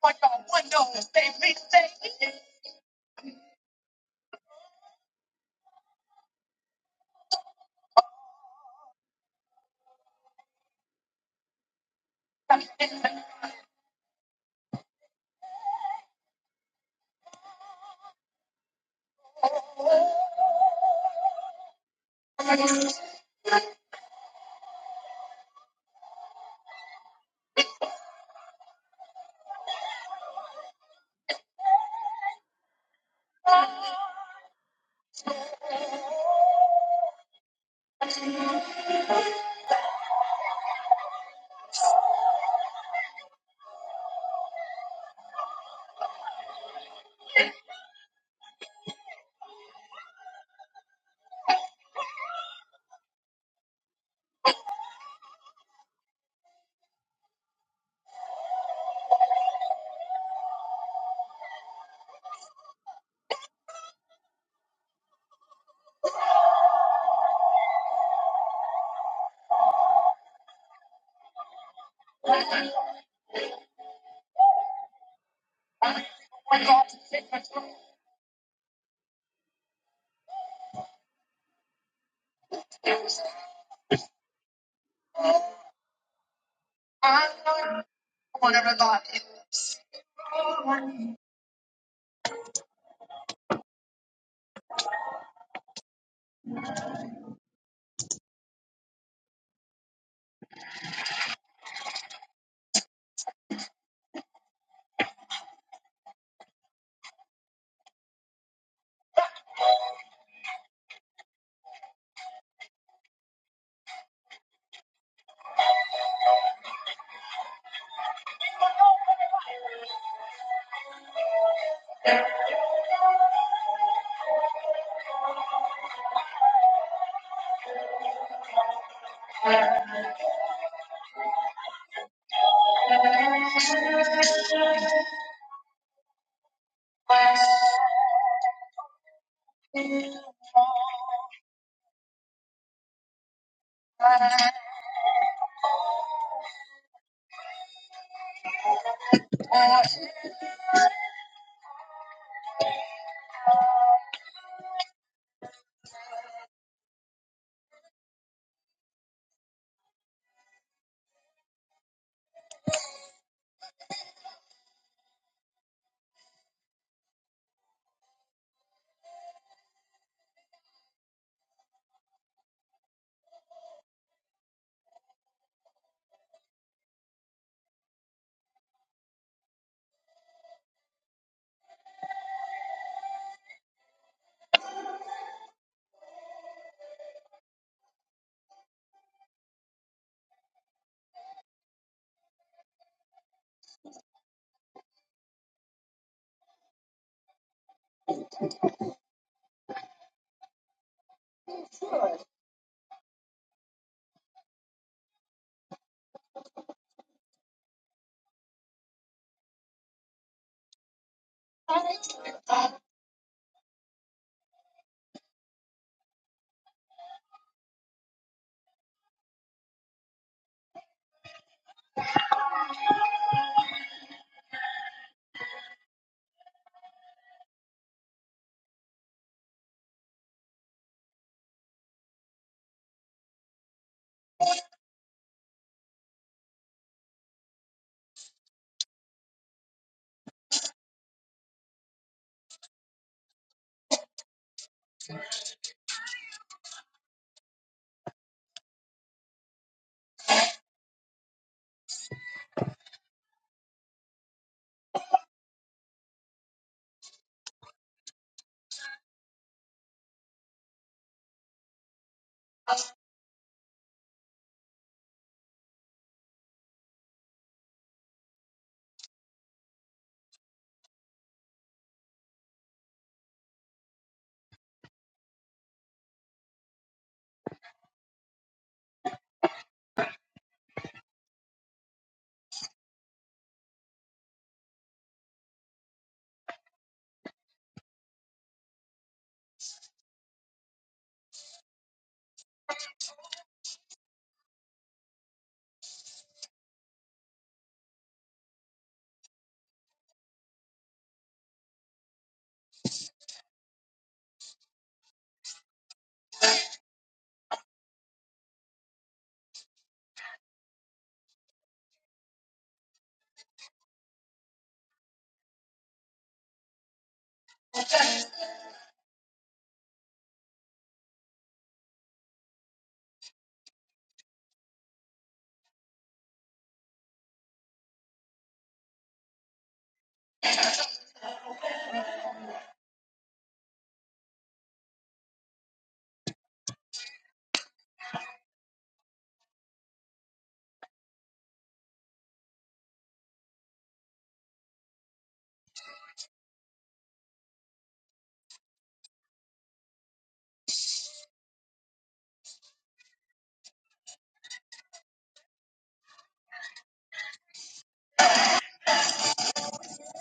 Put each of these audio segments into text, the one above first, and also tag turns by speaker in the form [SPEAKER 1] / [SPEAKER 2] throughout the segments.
[SPEAKER 1] When your windows they be safe, when God take control. I know. Come on, everybody.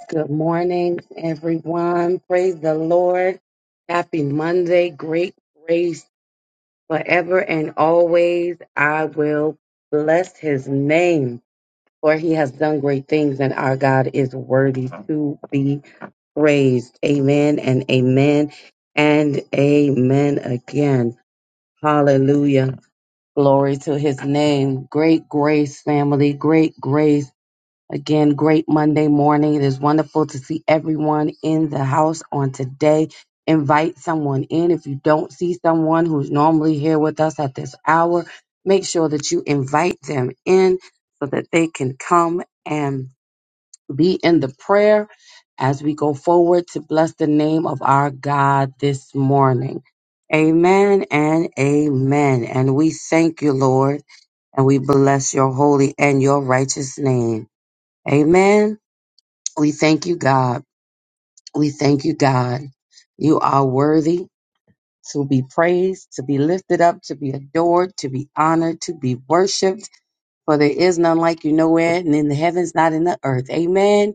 [SPEAKER 1] Good morning, everyone. Praise the Lord. Happy Monday. Great grace forever and always. I will bless his name, for he has done great things, and our God is worthy to be praised. Amen and amen and amen again. Hallelujah. Glory to his name. Great grace, family. Great grace. Again, great Monday morning. It is wonderful to see everyone in the house on today. Invite someone in. If you don't see someone who's normally here with us at this hour, make sure that you invite them in so that they can come and be in the prayer as we go forward to bless the name of our God this morning. Amen and amen. And we thank you, Lord, and we bless your holy and your righteous name. Amen. We thank you, God. We thank you, God. You are worthy to be praised, to be lifted up, to be adored, to be honored, to be worshiped. For there is none like you nowhere, and in the heavens, not in the earth. Amen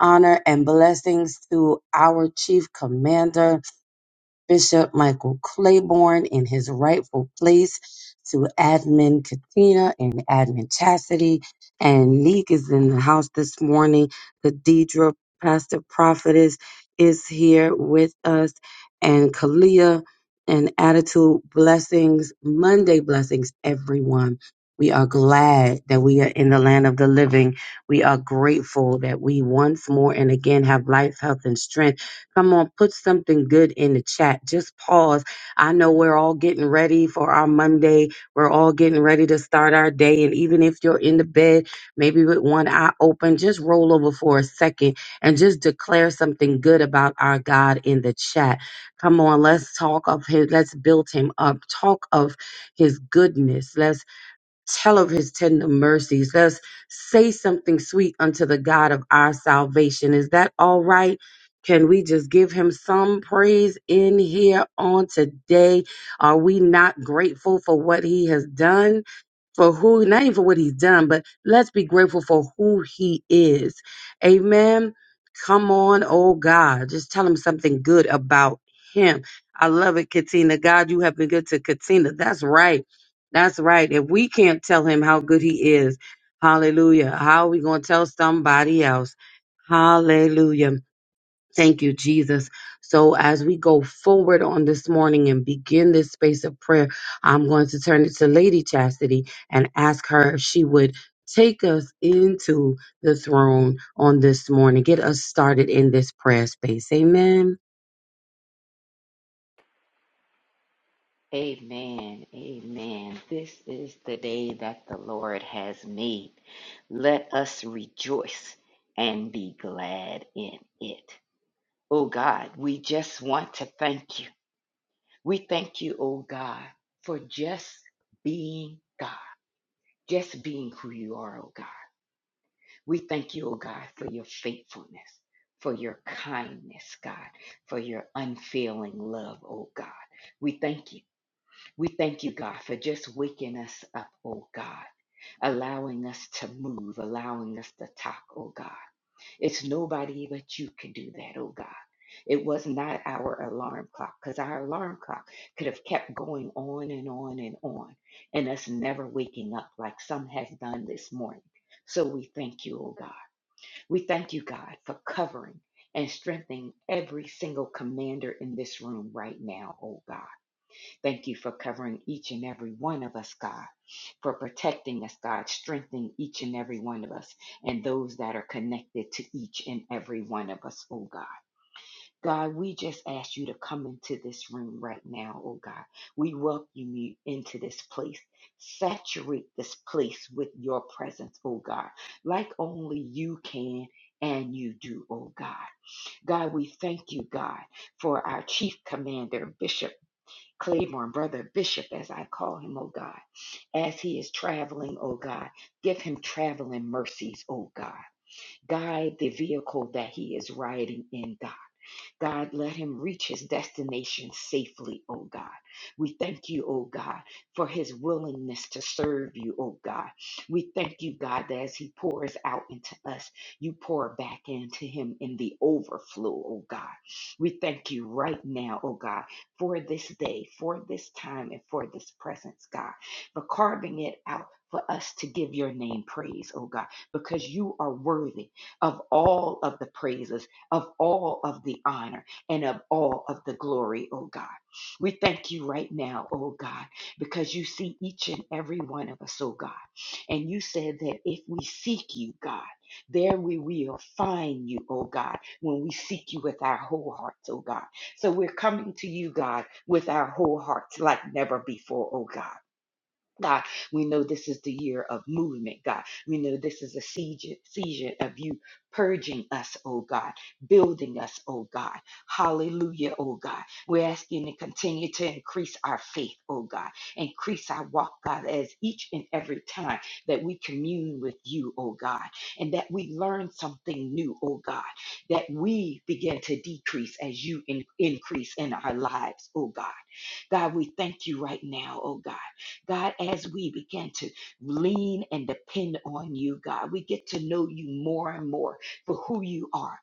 [SPEAKER 1] honor, and blessings to our chief commander, Bishop Michael Claiborne in his rightful place to admin Katina and admin Chastity. And Neek is in the house this morning. Khadidra, Pastor Prophetess, is here with us. And Kalia and Attitude Blessings, Monday Blessings, everyone. We are glad that we are in the land of the living. We are grateful that we once more and again have life, health, and strength Come on, put something good in the chat. Just pause. I know we're all getting ready for our Monday. We're all getting ready to start our day. And even if you're in the bed, maybe with one eye open, just roll over for a second and just declare something good about our God in the chat. Come on, let's talk of him. Let's build him up. Talk of his goodness. Let's. Tell of his tender mercies. Let's say something sweet unto the God of our salvation. Is that all right? Can we just give him some praise in here on today? Are we not grateful for what he has done? for who, not even for what he's done, but let's be grateful for who he is. Amen. Come on, oh God. Just tell him something good about him. I love it, Katina. God, you have been good to Katina. That's right. That's right. If we can't tell him how good he is, hallelujah, how are we going to tell somebody else? Hallelujah. Thank you, Jesus. So, as we go forward on this morning and begin this space of prayer, I'm going to turn it to Lady Chastity and ask her if she would take us into the throne on this morning. Get us started in this prayer space. Amen.
[SPEAKER 2] Amen. Amen. This is the day that the Lord has made. Let us rejoice and be glad in it. Oh God, we just want to thank you. We thank you, oh God, for just being God, just being who you are, oh God. We thank you, oh God, for your faithfulness, for your kindness, God, for your unfailing love, oh God. We thank you. We thank you, God, for just waking us up, oh God, allowing us to move, allowing us to talk, oh God. It's nobody but you can do that, oh God. It was not our alarm clock because our alarm clock could have kept going on and on and on and us never waking up like some has done this morning. So we thank you, oh God. We thank you, God, for covering and strengthening every single commander in this room right now, oh God. Thank you for covering each and every one of us, God, for protecting us, God, strengthening each and every one of us and those that are connected to each and every one of us, oh God. God, we just ask you to come into this room right now, oh God. We welcome you into this place. Saturate this place with your presence, oh God, like only you can. And you do, oh God. God, we thank you, God, for our chief commander, Bishop. Claiborne, brother Bishop, as I call him, oh God, as he is traveling, oh God, give him traveling mercies, oh God. Guide the vehicle that he is riding in, God. God, let him reach his destination safely, oh God. We thank you, oh God, for his willingness to serve you, oh God. We thank you, God, that as he pours out into us, you pour back into him in the overflow, oh God. We thank you right now, oh God, for this day, for this time, and for this presence, God, for carving it out. For us to give your name praise, oh God, because you are worthy of all of the praises of all of the honor and of all of the glory, oh God. We thank you right now, oh God, because you see each and every one of us, oh God. And you said that if we seek you, God, there we will find you, oh God, when we seek you with our whole hearts, oh God. So we're coming to you, God, with our whole hearts like never before, oh God. God, we know this is the year of movement, God. We know this is a season, season of you purging us, oh God, building us, oh God. Hallelujah, oh God. We're asking you to continue to increase our faith, oh God. Increase our walk, God, as each and every time that we commune with you, oh God, and that we learn something new, oh God, that we begin to decrease as you in- increase in our lives, oh God. God, we thank you right now, oh God. God, as we begin to lean and depend on you, God, we get to know you more and more for who you are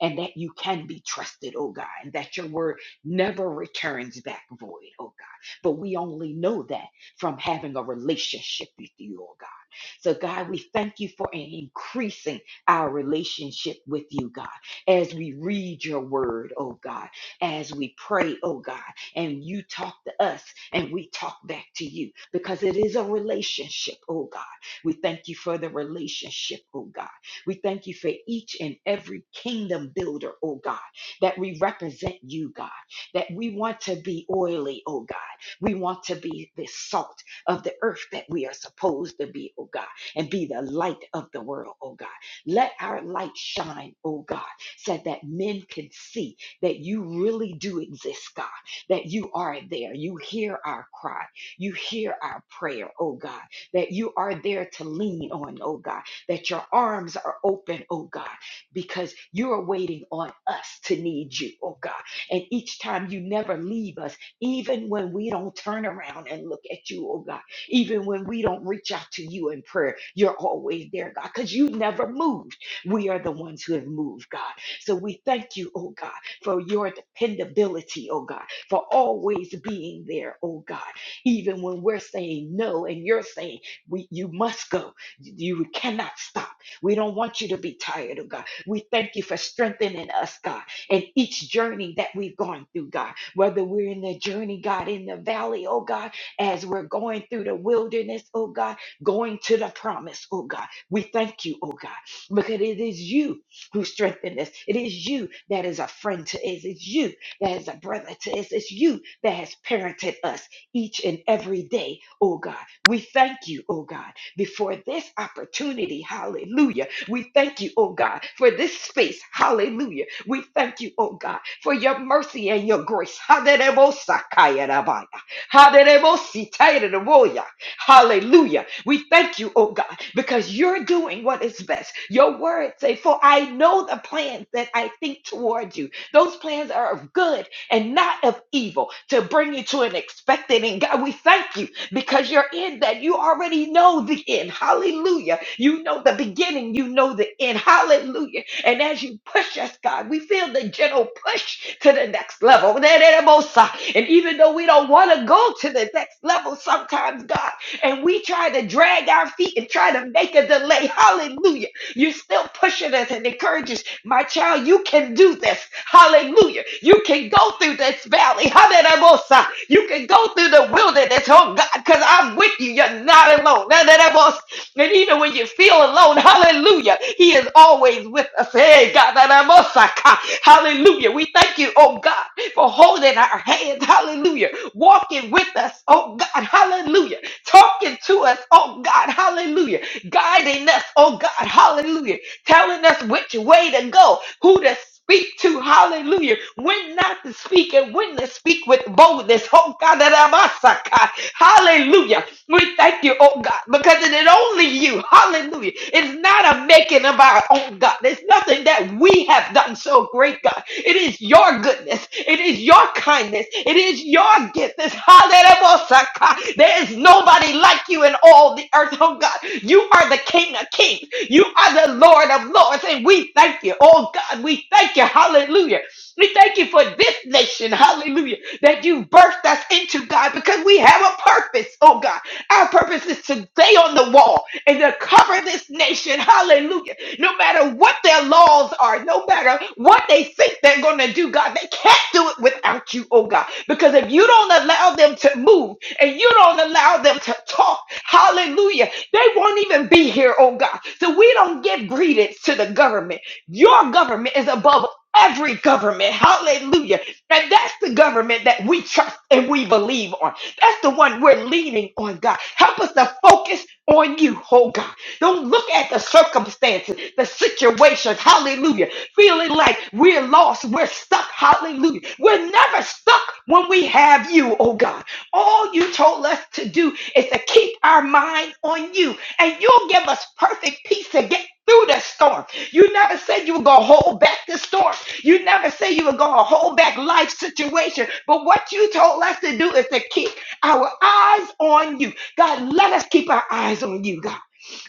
[SPEAKER 2] and that you can be trusted, oh God, and that your word never returns back void, oh God. But we only know that from having a relationship with you, oh God. So, God, we thank you for increasing our relationship with you, God, as we read your word, oh God, as we pray, oh God, and you talk to us and we talk back to you because it is a relationship, oh God. We thank you for the relationship, oh God. We thank you for each and every kingdom builder, oh God, that we represent you, God, that we want to be oily, oh God. We want to be the salt of the earth that we are supposed to be, oh God, and be the light of the world, oh God. Let our light shine, oh God, so that men can see that you really do exist, God, that you are there. You hear our cry. You hear our prayer, oh God, that you are there to lean on, oh God that your arms are open, oh God, because you are waiting on us to need you, oh God. And each time you never leave us, even when we don't turn around and look at you, oh God, even when we don't reach out to you in prayer, you're always there, God, because you never moved. We are the ones who have moved, God. So we thank you, oh God, for your dependability, oh God, for always being there, oh God, even when we're saying no and you're saying we, you must go. You cannot stop. We don't want you to be tired, oh God. We thank you for strengthening us, God, in each journey that we've gone through, God. Whether we're in the journey, God, in the valley, oh God, as we're going through the wilderness, oh God, going to the promise, oh God. We thank you, oh God, because it is you who strengthened us. It is you that is a friend to us. It's you that is a brother to us. It's you that has parented us each and every day, oh God. We thank you, oh God before this opportunity. Hallelujah. We thank you, oh God, for this space. Hallelujah. We thank you, oh God, for your mercy and your grace. Haderebosakayarabaya. Haderebositayaraboya. Hallelujah. We thank you, oh God, because you're doing what is best. Your word say, for I know the plans that I think toward you. Those plans are of good and not of evil to bring you to an expected end. God, we thank you because you're in that. You already know the end. Hallelujah. You know the beginning. You know the end. Hallelujah. And as you push us, God, we feel the gentle push to the next level. And even though we don't want to go to the next level sometimes, God, and we try to drag our feet and try to make a delay, hallelujah, you're still pushing us and encouraging us my child, you can do this. Hallelujah. You can go through this valley. Hallelujah. You can go through the wilderness. Oh God, because I'm with you. You're not alone. Hallelujah. And even when you feel alone, hallelujah, he is always with us. Hey, God, hallelujah. Hallelujah. We thank you, oh God, for holding our hands. Hallelujah. Walking with us, oh God, hallelujah. Talking to us, oh God, hallelujah. Guiding us, oh God, hallelujah telling us which way to go, who to speak to. Hallelujah. When not to speak and when to speak with boldness. Oh God, that I'm a hallelujah. We thank you, oh God, because it is only you. Hallelujah. It's not a making of our own God. There's nothing that we we have done so great, God. It is your goodness. It is your kindness. It is your gift. This hallelujah. There is nobody like you in all the earth, oh God. You are the King of kings. You are the Lord of lords. And we thank you. Oh God, we thank you. Hallelujah. We thank you for this nation. Hallelujah. That you birthed us into, God, because we have a purpose, oh God. Our purpose is to stay on the wall and to cover this nation. Hallelujah no matter what their laws are, no matter what they think they're going to do, God, they can't do it without you, oh God. Because if you don't allow them to move and you don't allow them to talk, hallelujah, they won't even be here, oh God. So we don't give credence to the government. Your government is above every government, hallelujah. And that's the government that we trust and we believe on. That's the one we're leaning on, God. Help us to focus on you, oh God. Don't look at the circumstances, the situations. Hallelujah. Feeling like we're lost, we're stuck. Hallelujah. We're never stuck when we have you, oh God. All you told us to do is to keep our mind on you, and you'll give us perfect peace to get through the storm. You never said you were going to hold back the storm. You never said you were going to hold back life situation. But what you told us to do is to keep our eyes on you. God, let us keep our eyes on you, God.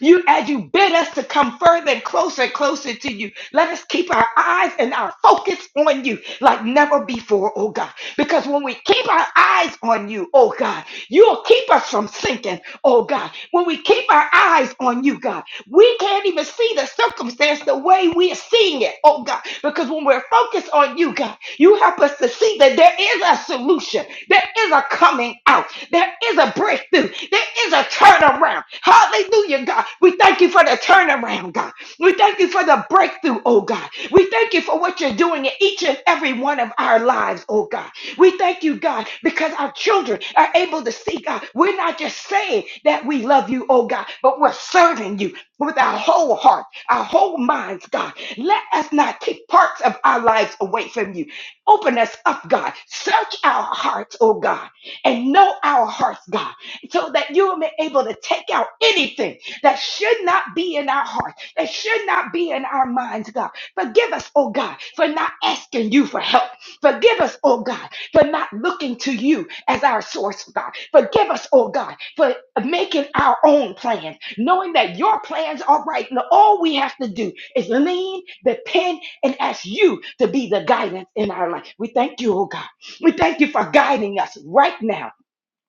[SPEAKER 2] You as you bid us to come further and closer and closer to you. Let us keep our eyes and our focus on you like never before, oh God. Because when we keep our eyes on you, oh God, you'll keep us from sinking, oh God. When we keep our eyes on you, God, we can't even see the circumstance the way we're seeing it, oh God, because when we're focused on you, God, you help us to see that there is a solution, there is a coming out, there is a breakthrough, there is a turnaround. Hallelujah, God. We thank you for the turnaround, God. We thank you for the breakthrough, oh God. We thank you for what you're doing in each and every one of our lives, oh God. We thank you, God, because our children are able to see, God. We're not just saying that we love you, oh God, but we're serving you with our whole heart, our whole minds, God. Let us not take parts of our lives away from you. Open us up, God. Search our hearts, oh God, and know our hearts, God, so that you will be able to take out anything that should not be in our hearts, that should not be in our minds, God. Forgive us, oh God, for not asking you for help. Forgive us, oh God, for not looking to you as our source, God. Forgive us, oh God, for making our own plans, knowing that your plans are right. And all we have to do is lean, depend, and ask you to be the guidance in our life. We thank you, oh God. We thank you for guiding us right now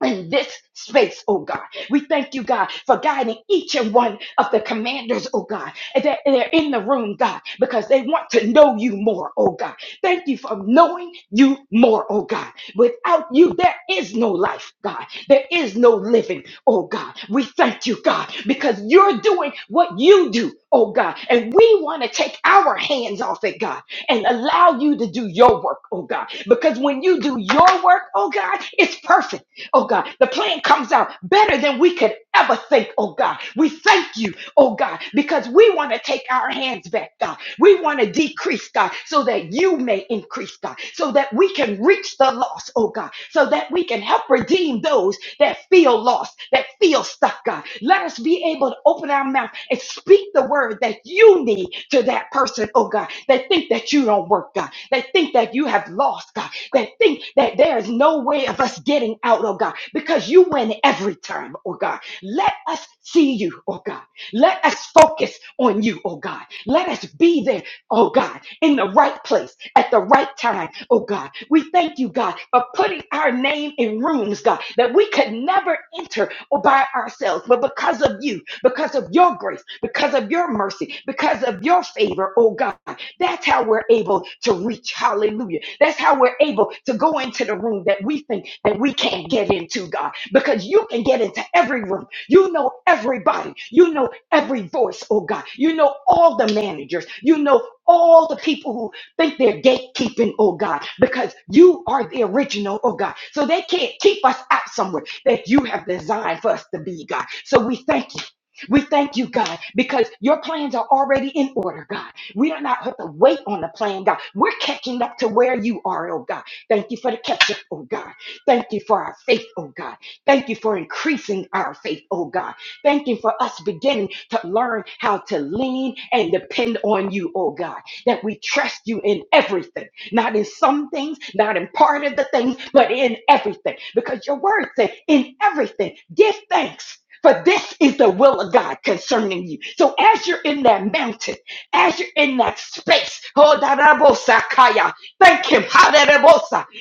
[SPEAKER 2] in this space, oh God. We thank you, God, for guiding each and one of the commanders, oh God. And They're, they're in the room, God, because they want to know you more, oh God. Thank you for knowing you more, oh God. Without you, there is no life, God. There is no living, oh God. We thank you, God, because you're doing what you do, oh God. And we want to take our hands off it, God, and allow you to do your work, oh God. Because when you do your work, oh God, it's perfect oh God. The plan comes out better than we could ever think, oh God. We thank you, oh God, because we want to take our hands back, God. We want to decrease, God, so that you may increase, God, so that we can reach the lost, oh God, so that we can help redeem those that feel feel lost, that feel stuck, God. Let us be able to open our mouth and speak the word that you need to that person, oh God. They think that you don't work, God. They think that you have lost, God. They think that there is no way of us getting out, oh God, because you win every time, oh God. Let us see you, oh God. Let us focus on you, oh God. Let us be there oh God, in the right place at the right time, oh God. We thank you, God, for putting our name in rooms, God, that we could never enter by ourselves, but because of you, because of your grace, because of your mercy, because of your favor, oh God, that's how we're able to reach. Hallelujah. That's how we're able to go into the room that we think that we can't get into, God, because you can get into every room. You know everybody. You know every voice, oh God. You know all the managers. You know all the people who think they're gatekeeping, oh God, because you are the original, oh God. So they can't keep us out somewhere that you have designed for us to be, God. So we thank you. We thank you, God, because your plans are already in order, God. We do not have to wait on the plan, God. We're catching up to where you are, oh God. Thank you for the catch up, oh God. Thank you for our faith, oh God. Thank you for increasing our faith, oh God. Thank you for us beginning to learn how to lean and depend on you, oh God, that we trust you in everything, not in some things, not in part of the things, but in everything. Because your word said, in everything, give thanks. For this is the will of God concerning you. So as you're in that mountain, as you're in that space, oh, da, da, bo, sa, kaya, thank Him.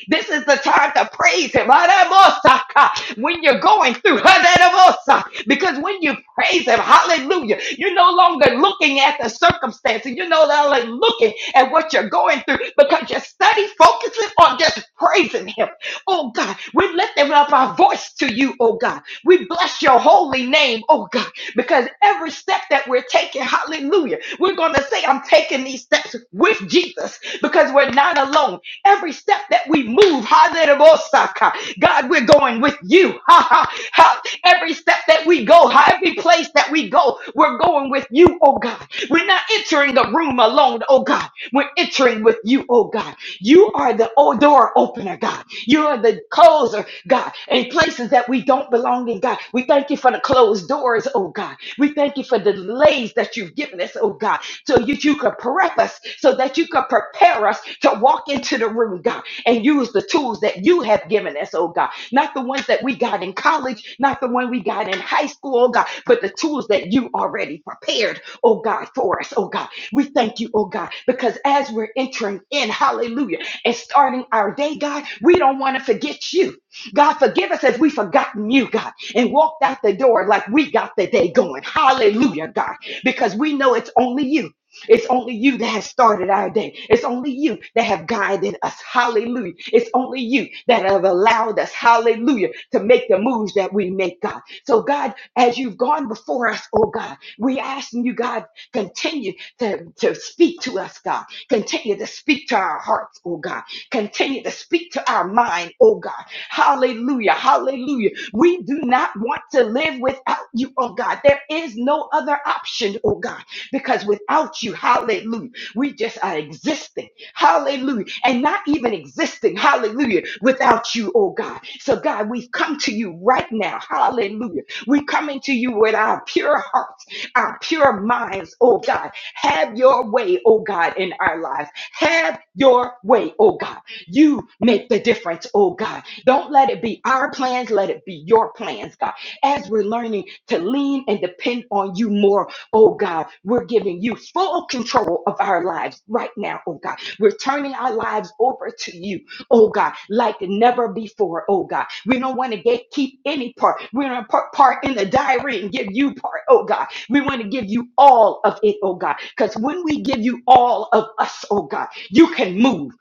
[SPEAKER 2] This is the time to praise Him. Adamosaka. When you're going through, Adamosa. because when you praise Him, hallelujah, you're no longer looking at the circumstances. You're no longer looking at what you're going through because your study focuses on just praising Him. Oh God, we're lifting up our voice to you, oh God. We bless your holy name, oh God, because every step that we're taking, hallelujah, we're going to say, I'm taking these steps with Jesus because we're not alone. Every step that we move, Hallelujah, God, we're going with you. Ha, ha, ha. Every step that we go, ha, every place that we go, we're going with you, oh God. We're not entering the room alone, oh God. We're entering with you, oh God. You are the o- door opener, God. You are the closer, God, in places that we don't belong in, God. We thank you for the closed doors, oh God. We thank you for the delays that you've given us, oh God, so that you could prep us, so that you could prepare us to walk into the room, God, and use the use the tools that you have given us, oh God. Not the ones that we got in college, not the one we got in high school, oh God, but the tools that you already prepared, oh God, for us, oh God. We thank you, oh God, because as we're entering in, hallelujah, and starting our day, God, we don't want to forget you. God, forgive us if we've forgotten you, God, and walked out the door like we got the day going. Hallelujah, God, because we know it's only you. It's only you that has started our day. It's only you that have guided us. Hallelujah. It's only you that have allowed us, hallelujah, to make the moves that we make, God. So, God, as you've gone before us, oh God, we asking you, God, continue to, to speak to us, God. Continue to speak to our hearts, oh God. Continue to speak to our mind, oh God. Hallelujah. Hallelujah. We do not want to live without you, oh God. There is no other option, oh God. Because without you, hallelujah, we just are existing. Hallelujah. And not even existing, hallelujah, without you, oh God. So, God, we've come to you right now. Hallelujah. We're coming to you with our pure hearts, our pure minds, oh God. Have your way, oh God, in our lives. Have your way, oh God. You make the difference, oh God. Don't let it be our plans, let it be your plans, God. As we're learning to lean and depend on you more Oh God, we're giving you full control of our lives right now, oh God. We're turning our lives over to you, oh God, like never before, oh God. We don't want to get keep any part. We don't put part in the diary and give you part, oh God. We want to give you all of it, oh God. Because when we give you all of us, oh God, you can move.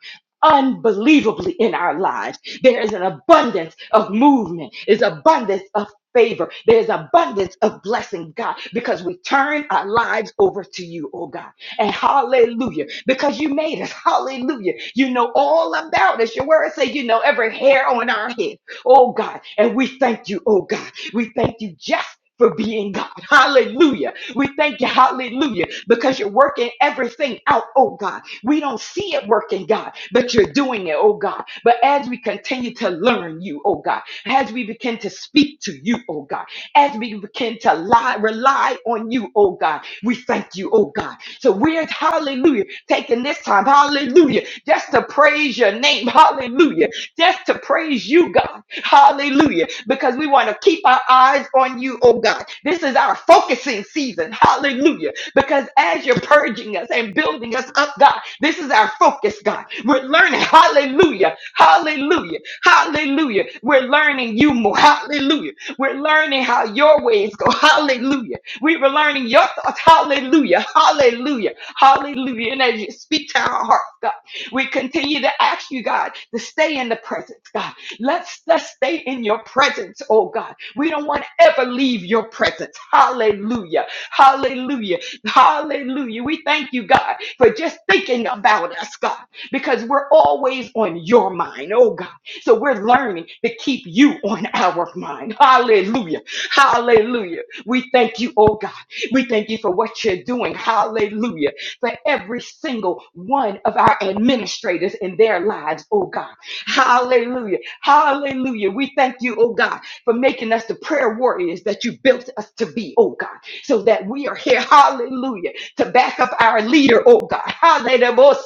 [SPEAKER 2] Unbelievably in our lives, there is an abundance of movement, is abundance of favor. There's abundance of blessing, God, because we turn our lives over to you, oh God. And hallelujah, because you made us. Hallelujah. You know all about us. Your word say you know every hair on our head, oh God. And we thank you, oh God. We thank you just for being God. Hallelujah. We thank you, hallelujah, because you're working everything out, oh God. We don't see it working, God, but you're doing it, oh God. But as we continue to learn you, oh God, as we begin to speak to you, oh God, as we begin to lie, rely on you, oh God, we thank you, oh God. So we're, hallelujah, taking this time, hallelujah, just to praise your name, hallelujah just to praise you, God. Hallelujah. Because we want to keep our eyes on you, oh God. This is our focusing season. Hallelujah. Because as you're purging us and building us up, God, this is our focus, God. We're learning. Hallelujah. Hallelujah. Hallelujah. We're learning you more. Hallelujah. We're learning how your ways go. Hallelujah. We were learning your thoughts. Hallelujah. Hallelujah. Hallelujah. And as you speak to our hearts, God. We continue to ask you, God, to stay in the presence, God. Let's, let's stay in your presence, oh God. We don't want to ever leave your presence. Hallelujah. Hallelujah. Hallelujah. We thank you, God, for just thinking about us, God, because we're always on your mind, oh God. So we're learning to keep you on our mind. Hallelujah. Hallelujah. We thank you, oh God. We thank you for what you're doing. Hallelujah for every single one of our administrators in their lives, oh God. Hallelujah. Hallelujah. We thank you, oh God, for making us the prayer warriors that you built us to be, oh God, so that we are here, hallelujah, to back up our leader, oh God. Hallelujah.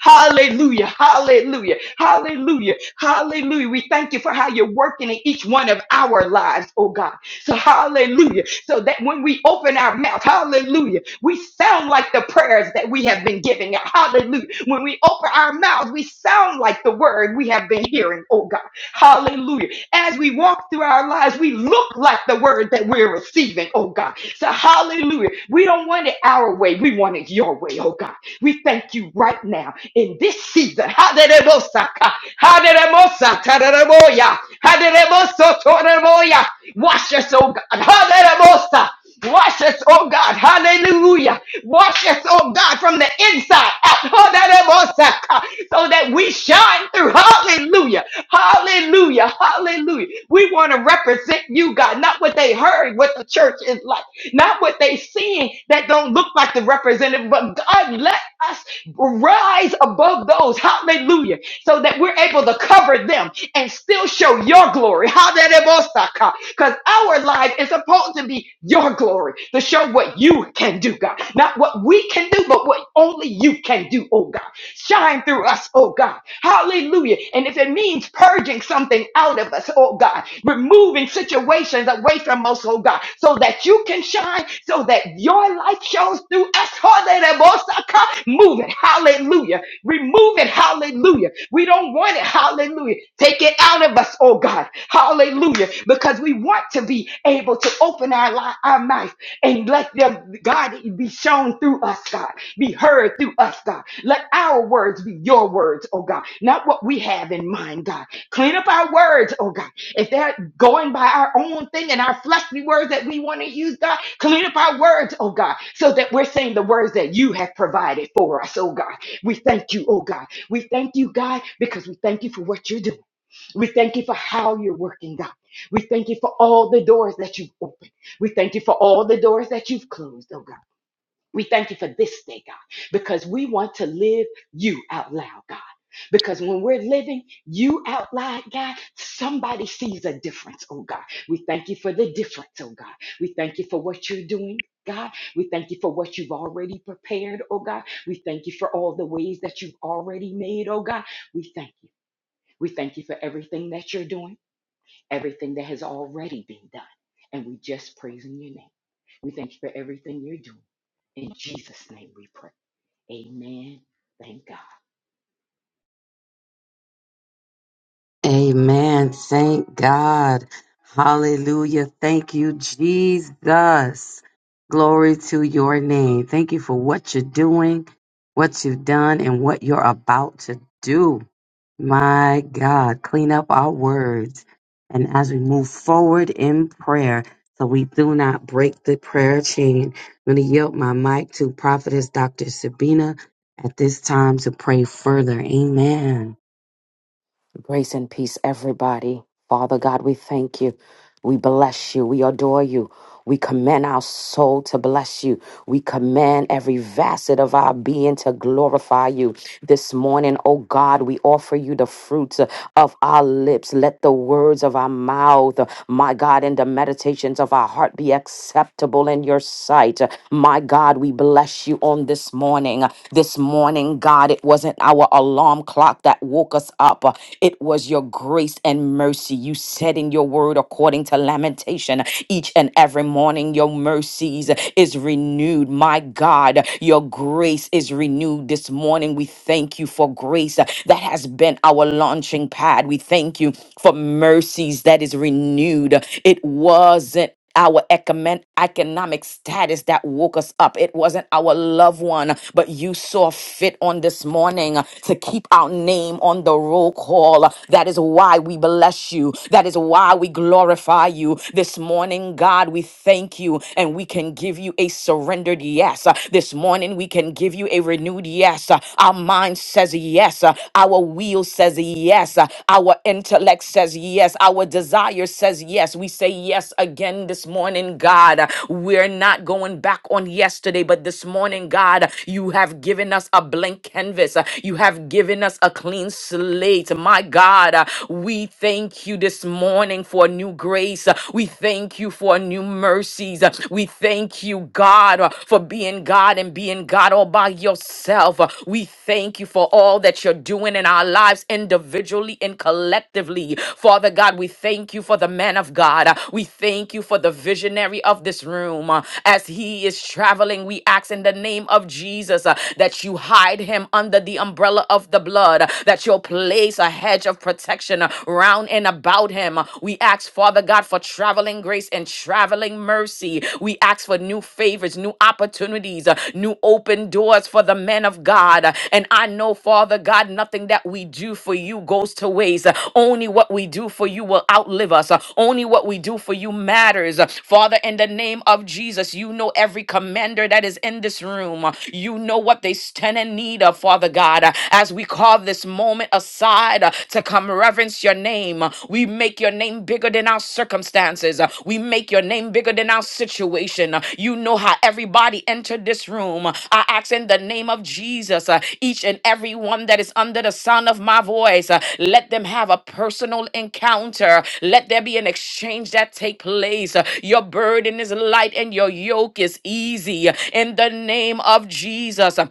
[SPEAKER 2] Hallelujah. Hallelujah. Hallelujah. Hallelujah. We thank you for how you're working in each one of our lives, oh God. So hallelujah. So that when we open our mouth, hallelujah, we sound like the prayers that we have been giving out. Hallelujah. When we open our mouths, we sound like the word we have been hearing, oh God. Hallelujah. As we walk through our lives, we look like the word that we're receiving, oh God. So hallelujah. We don't want it our way. We want it your way, oh God. We thank you right now in this season. Hallelujah. Hallelujah. Hallelujah. Wash us, oh God. Hallelujah. Wash us, oh God. Hallelujah. Wash us, oh God, from the inside out. Hallelujah. So that we shine through. Hallelujah. Hallelujah. Hallelujah. We want to represent you, God, not what they heard, what the church is like not what they seeing that don't look like the representative, but God let us rise above those, hallelujah, so that we're able to cover them and still show your glory, hallelujah, because our life is supposed to be your glory to show what you can do, God, not what we can do, but what only you can do, oh God, shine through us, oh God, Hallelujah! Hallelujah. And if it means purging something out of us, oh God, removing situations away from us, oh God, so that you can shine, so that your light shows through us. Hallelujah. Move it. Hallelujah. Remove it. Hallelujah. We don't want it. Hallelujah. Take it out of us, oh God. Hallelujah. Because we want to be able to open our, li- our mouth and let them, God, be shown through us, God, be heard through us, God. Let our words be your words, oh God, not what we have in mind, God. Clean up our words, oh God. If they're going by our own thing and our fleshly words that we want to use, God, clean up our words, oh God, so that we're saying the words that you have provided for us, oh God. We thank you, oh God. We thank you, God, because we thank you for what you're doing. We thank you for how you're working, God. We thank you for all the doors that you've opened. We thank you for all the doors that you've closed, oh God. We thank you for this day, God, because we want to live you out loud, God. Because when we're living you out loud, God, somebody sees a difference, oh God. We thank you for the difference, oh God. We thank you for what you're doing. God, we thank you for what you've already prepared, oh God. We thank you for all the ways that you've already made, oh God. We thank you. We thank you for everything that you're doing everything that has already been done. And we just praise in your name. We thank you for everything you're doing. In Jesus' name we pray. Amen. Thank God.
[SPEAKER 1] Amen. Thank God. Hallelujah. Thank you, Jesus. Glory to your name. Thank you for what you're doing, what you've done, and what you're about to do. My God, clean up our words. And as we move forward in prayer, so we do not break the prayer chain, I'm going to yield my mic to Prophetess Dr. Sabina at this time to pray further. Amen.
[SPEAKER 3] Grace and peace, everybody. Father God, we thank you. We bless you. We adore you. We commend our soul to bless you. We command every facet of our being to glorify you. This morning, oh God, we offer you the fruits uh, of our lips. Let the words of our mouth, uh, my God, and the meditations of our heart be acceptable in your sight. Uh, My God, we bless you on this morning. Uh, This morning, God, it wasn't our alarm clock that woke us up, Uh, it was your grace and mercy. You said in your word, according to Lamentation, each and every morning morning your mercies is renewed. My God, your grace is renewed this morning. We thank you for grace uh, that has been our launching pad. We thank you for mercies that is renewed. It wasn't our economic economic status that woke us up. It wasn't our loved one, but you saw fit on this morning uh, to keep our name on the roll call. That is why we bless you. That is why we glorify you you. This morning, God, we thank you and we can give you a surrendered yes. Uh, This morning, we can give you a renewed yes. Uh, Our mind says yes. Uh, Our will says yes. Uh, Our intellect says yes. Our desire says yes. We say yes again this morning, God. Uh, We're not going back on yesterday, but this morning, God, you have given us a blank canvas. Uh, You have given us a clean slate. My God, uh, we thank you thank you this morning for a new grace. Uh, We thank you for new mercies. Uh, We thank you, God, uh, for being God and being God all by yourself. Uh, We thank you for all that you're doing in our lives individually and collectively. Father God, we thank you for the man of God. Uh, We thank you for the visionary of this room. Uh, As he is traveling, we ask in the name of Jesus uh, that you hide him under the umbrella of the blood, uh, that you'll place a a hedge of protection uh, round and about him. Uh, We ask, Father God, for traveling grace and traveling mercy. We ask for new favors, new opportunities, uh, new open doors for the men of God. Uh, And I know, Father God, nothing that we do for you goes to waste. Uh, Only what we do for you will outlive us. Uh, Only what we do for you matters. Uh, Father, in the name of Jesus, you know every commander that is in this room. Uh, You know what they stand in need of, Father God. As we call this moment aside uh, to come reverence your name, uh, we make your name bigger than our circumstances. uh, We make your name bigger than our situation. uh, You know how everybody entered this room. uh, I ask in the name of Jesus, uh, each and every one that is under the sound of my voice, uh, let them have a personal encounter. Let there be an exchange that take place. Uh, Your burden is light and your yoke is easy. In the name of Jesus, uh,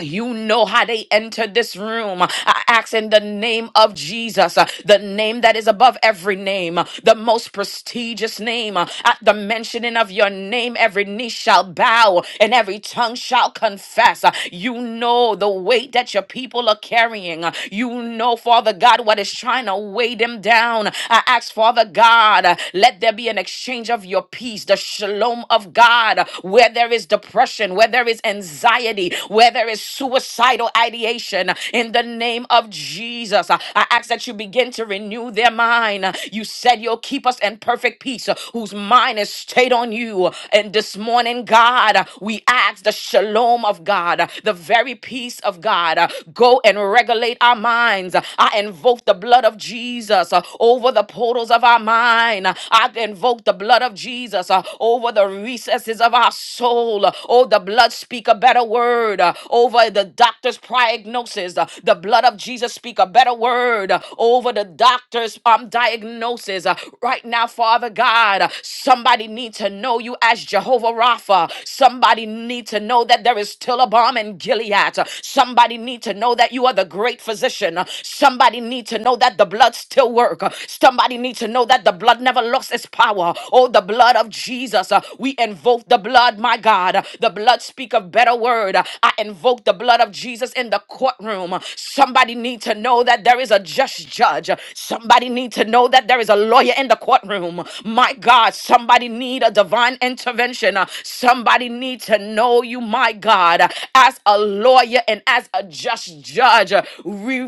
[SPEAKER 3] you know how they entered this room. I ask in the name of Jesus, uh, the name that is above every name, uh, the most prestigious name. uh, At the mentioning of your name, every knee shall bow and every tongue shall confess. Uh, You know the weight that your people are carrying. Uh, You know, Father God, what is trying to weigh them down. I ask, Father God, uh, let there be an exchange of your peace, the shalom of God, uh, where there is depression, where there is anxiety, where there is suicidal ideation in the name of Jesus. I I ask that you begin to renew their mind. You said you'll keep us in perfect peace, whose mind is stayed on you. And this morning, God, we ask the shalom of God, the very peace of God, go and regulate our minds. I invoke the blood of Jesus uh, over the portals of our mind. I invoke the blood of Jesus uh, over the recesses of our soul. Oh, the blood speak a better word uh, over over the doctor's prognosis. Uh, The blood of Jesus speak a better word uh, over the doctor's um, diagnosis. Uh, Right now, Father God, uh, somebody need to know you as Jehovah Rapha. Somebody need to know that there is still a bomb in Gilead. Uh, Somebody need to know that you are the great physician. Uh, Somebody need to know that the blood still work. Uh, Somebody need to know that the blood never lost its power. Oh, the blood of Jesus. Uh, We invoke the blood, my God. Uh, The blood speak a better word. Uh, I invoke invoke the blood of Jesus in the courtroom. Somebody need to know that there is a just judge. Somebody need to know that there is a lawyer in the courtroom. My God, somebody need a divine intervention. Somebody need to know you, my God, as a lawyer and as a just judge. We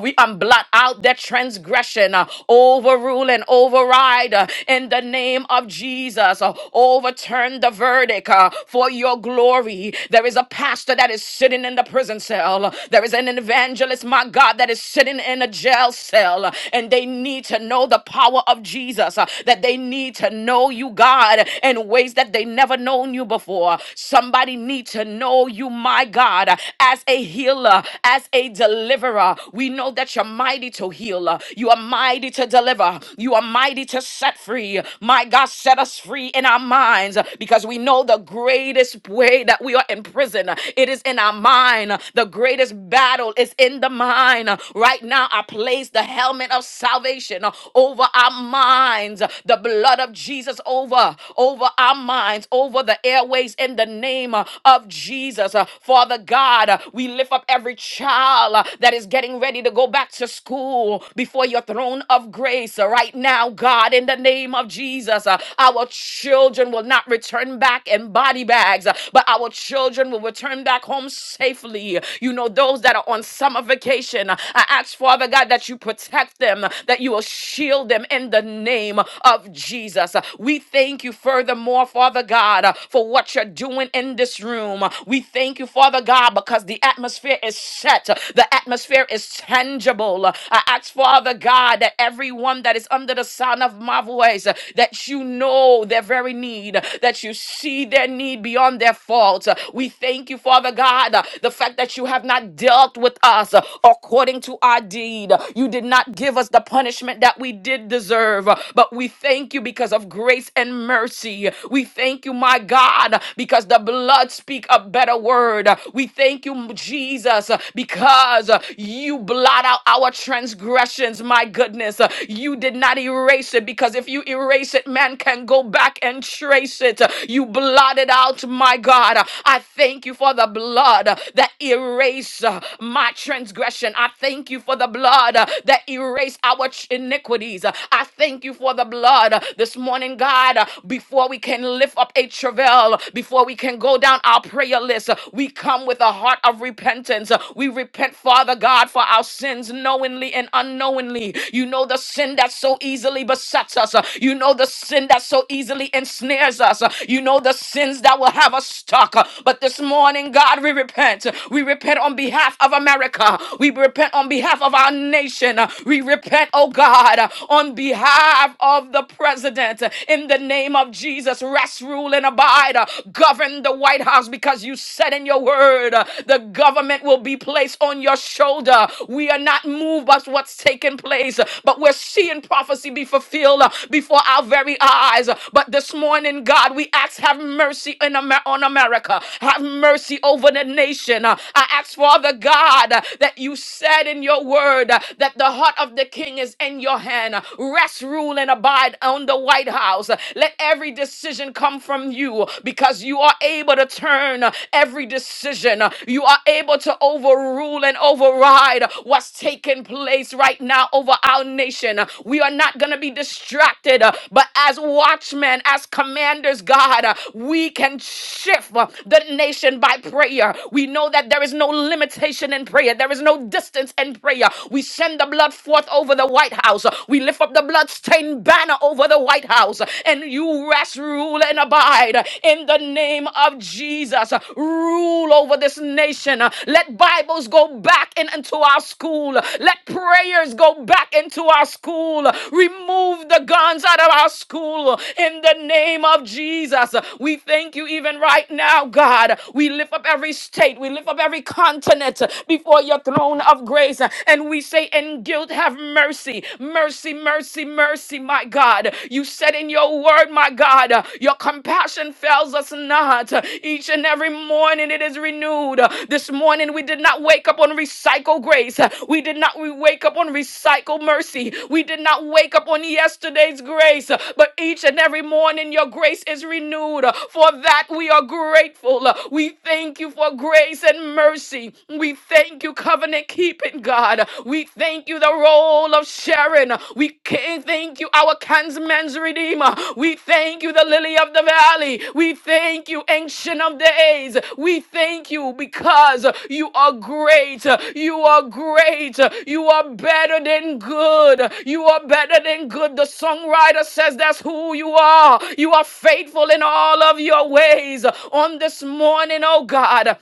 [SPEAKER 3] we blot out their transgression, uh, overrule and override uh, in the name of Jesus. uh, Overturn the verdict uh, for your glory. There is a pastor that is sitting in the prison cell. There is an evangelist, my God, that is sitting in a jail cell. And they need to know the power of Jesus, uh, that they need to know you, God, in ways that they never known you before. Somebody need to know you, my God, uh, as a healer, as a deliverer. We know that you're mighty to heal. uh, You are mighty to deliver. You are mighty to set free. My God, set us free in our minds uh, because we know the greatest way that we are in prison. uh, It is in our our mind. The greatest battle is in the mind. Right now, I place the helmet of salvation over our minds, the blood of Jesus over, over our minds, over the airways in the name of Jesus. Father God, we lift up every child that is getting ready to go back to school before your throne of grace right now, God, in the name of Jesus. Uh, Our children will not return back in body bags, uh, but our children will return back home safely. You know, those that are on summer vacation, I ask, Father God, that you protect them, that you will shield them in the name of Jesus. We thank you furthermore, Father God, for what you're doing in this room. We thank you, Father God, because the atmosphere is set, the atmosphere is tangible. I ask, Father God, that everyone that is under the sound of my voice, that you know their very need, that you see their need beyond their faults. We thank you, Father God. God, uh, the fact that you have not dealt with us uh, according to our deed. You did not give us the punishment that we did deserve, uh, but we thank you because of grace and mercy. We thank you, my God, because the blood speak a better word. We thank you, Jesus, uh, because uh, you blot out our transgressions, my goodness. Uh, You did not erase it because if you erase it, man can go back and trace it. You blotted out, my God. I thank you for the blood blood uh, that erased uh, my transgression. I thank you for the blood uh, that erased our ch- iniquities. Uh, I thank you for the blood uh, this morning, God. uh, Before we can lift up a travail, before we can go down our prayer list, uh, we come with a heart of repentance. Uh, We repent, Father God, for our sins knowingly and unknowingly. You know the sin that so easily besets us. Uh, You know the sin that so easily ensnares us. Uh, You know the sins that will have us stuck. Uh, But this morning, God, we repent repent. We repent on behalf of America. We repent on behalf of our nation. We repent, oh God, on behalf of the president. In the name of Jesus, rest, rule, and abide. Govern the White House because you said in your word uh, the government will be placed on your shoulder. We are not moved by what's taking place, uh, but we're seeing prophecy be fulfilled uh, before our very eyes. But this morning, God, we ask, have mercy in Amer- on America. Have mercy over the nation. Uh, I ask, Father God, uh, that you said in your word uh, that the heart of the king is in your hand. Uh, Rest, rule, and abide on the White House. Uh, Let every decision come from you because you are able to turn uh, every decision. Uh, You are able to overrule and override uh, what's taking place right now over our nation. Uh, We are not going to be distracted, uh, but as watchmen, as commanders, God, uh, we can shift uh, the nation by prayer. We know that there is no limitation in prayer, there is no distance in prayer. We send the blood forth over the White House, we lift up the bloodstained banner over the White House, and you rest, rule, and abide in the name of Jesus. Rule over this nation. Let Bibles go back in, into our school, let prayers go back into our school. Remove the guns out of our school in the name of Jesus. We thank you even right now, God. We lift up every state. We lift up every continent uh, before your throne of grace uh, and we say, In guilt, have mercy, mercy, mercy, mercy, my God. You said in your word, my God, uh, your compassion fails us not. Uh, Each and every morning it is renewed. Uh, This morning we did not wake up on recycle grace. Uh, We did not we wake up on recycle mercy. We did not wake up on yesterday's grace. Uh, But each and every morning your grace is renewed. Uh, For that we are grateful. Uh, We thank you for your grace and mercy. We thank you, covenant keeping God. We thank you, the role of Sharon. We can thank you, our kinsman's redeemer. We thank you, the lily of the valley. We thank you, ancient of days. We thank you because you are great. You are great. You are better than good. You are better than good. The songwriter says that's who you are. You are faithful in all of your ways. On this morning, oh God.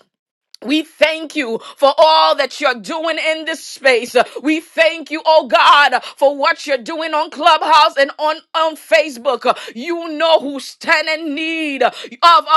[SPEAKER 3] We thank you for all that you're doing in this space. We thank you, oh God, for what you're doing on Clubhouse and on, on Facebook. You know who stand in need of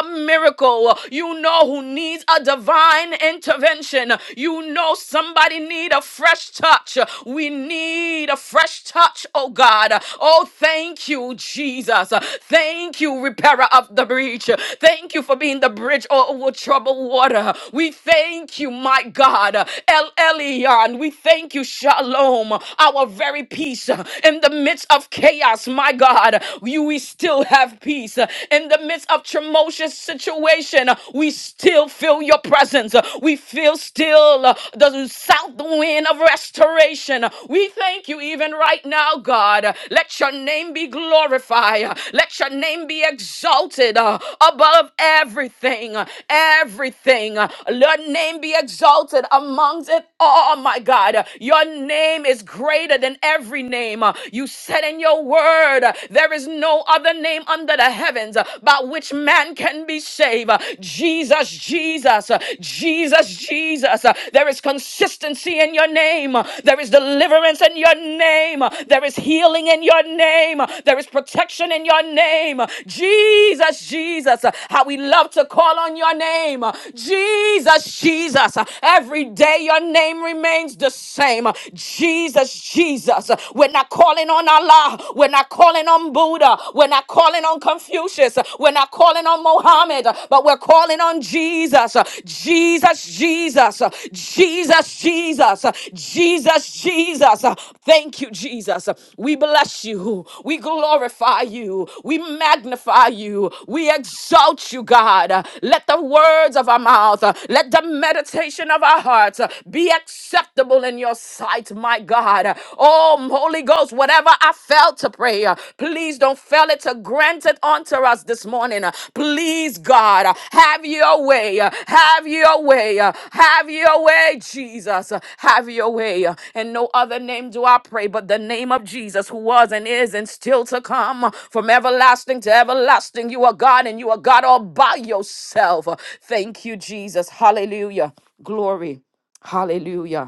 [SPEAKER 3] a miracle. You know who needs a divine intervention. You know somebody need a fresh touch. We need a fresh touch, oh God. Oh, thank you, Jesus. Thank you, you, repairer of the breach. Thank you for being the bridge over troubled water. We thank you, my God, El Elyon. We thank you, Shalom, our very peace in the midst of chaos, my God. You, we still have peace in the midst of tumultuous situation. We still feel your presence. We feel still the south wind of restoration. We thank you, even right now, God. Let your name be glorified. Let your name be exalted uh, above everything, everything. Your name be exalted amongst it all, my God. Your name is greater than every name. You said in your word, there is no other name under the heavens by which man can be saved. Jesus, Jesus, Jesus, Jesus. Jesus. Uh, There is consistency in your name. Uh, There is deliverance in your name. Uh, There is healing in your name. Uh, There is protection in your name. Uh, Jesus, Jesus, uh, how we love to call on your name. Uh, Jesus, Jesus, uh, every day your name remains the same. Uh, Jesus, Jesus, uh, we're not calling on Allah. We're not calling on Buddha. We're not calling on Confucius. We're we're not calling on Mohammed, but we're calling on Jesus. Jesus, Jesus, Jesus, Jesus, Jesus, Jesus. Thank you, Jesus. We bless you. We glorify you. We magnify you. We exalt you, God. Let the words of our mouth, let the meditation of our hearts be acceptable in your sight, my God. Oh, Holy Ghost else, whatever I failed to pray, uh, please don't fail it to grant it unto us this morning. uh, Please, God, uh, have your way. uh, Have your way. uh, Have your way, Jesus. uh, Have your way. uh, And no other name do I pray but the name of Jesus, who was and is and still to come. uh, From everlasting to everlasting, you are God and you are God all by yourself. Uh, Thank you, Jesus. Hallelujah. Glory. Hallelujah.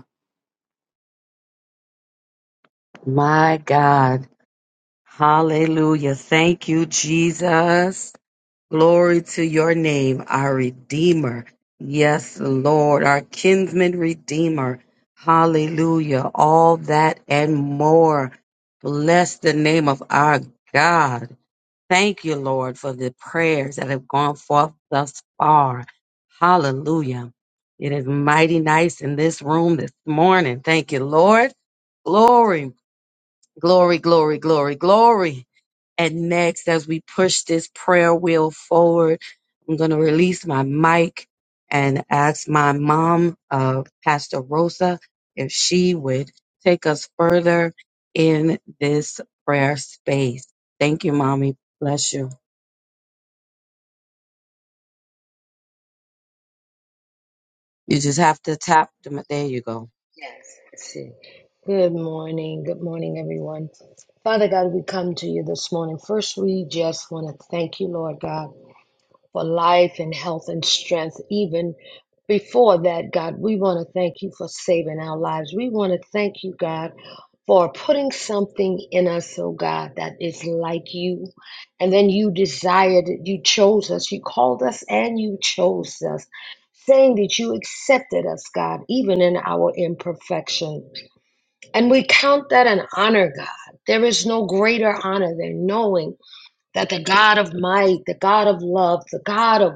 [SPEAKER 1] My God. Hallelujah. Thank you, Jesus. Glory to your name, our Redeemer. Yes, Lord, our kinsman Redeemer. Hallelujah. All that and more. Bless the name of our God. Thank you, Lord, for the prayers that have gone forth thus far. Hallelujah. It is mighty nice in this room this morning. Thank you, Lord. Glory. Glory, glory, glory, glory. And next, as we push this prayer wheel forward, I'm going to release my mic and ask my mom, uh, Pastor Rosa, if she would take us further in this prayer space. Thank you, mommy. Bless you. You just have to tap them. There you go.
[SPEAKER 4] Yes. Let's see. Good morning. Good morning, everyone. Father God, we come to you this morning. First, we just want to thank you, Lord God for life and health and strength. Even before that, God, we want to thank you for saving our lives. We want to thank you, God, for putting something in us, oh God, that is like you. And then you desired it, you chose us, you called us, and you chose us. Saying that you accepted us, God, even in our imperfection. And we count that an honor, God. There is no greater honor than knowing that the God of might, the God of love, the God of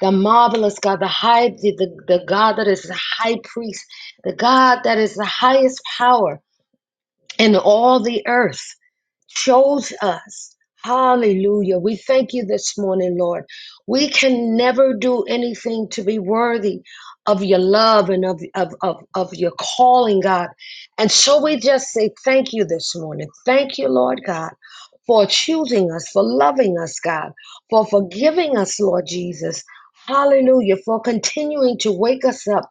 [SPEAKER 4] the marvelous God, the high, the, the, the God that is the high priest, the God that is the highest power in all the earth, chose us. Hallelujah. We thank you this morning, Lord. We can never do anything to be worthy of your love and of, of, of, of your calling, God. And so we just say thank you this morning. Thank you, Lord God, for choosing us, for loving us, God, for forgiving us, Lord Jesus. Hallelujah. For continuing to wake us up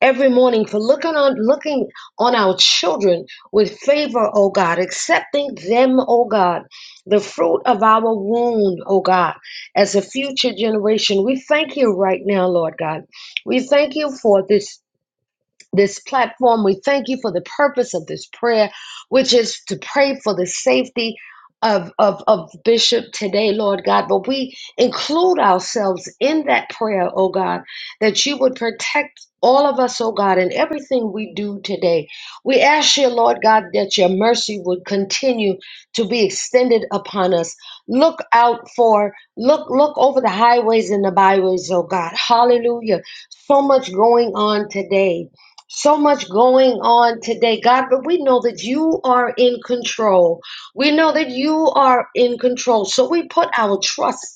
[SPEAKER 4] every morning for looking on looking on our children with favor, O God, accepting them, O God, the fruit of our womb, O God, as a future generation. We thank you right now, Lord God. We thank you for this this platform. We thank you for the purpose of this prayer, which is to pray for the safety of, of, of Bishop today, Lord God. But we include ourselves in that prayer, oh God, that you would protect all of us, oh God, in everything we do today. We ask you, Lord God, that your mercy would continue to be extended upon us. Look out for, look, look over the highways and the byways, oh God. Hallelujah. So much going on today so much going on today, God, but we know that you are in control. We know that you are in control. So we put our trust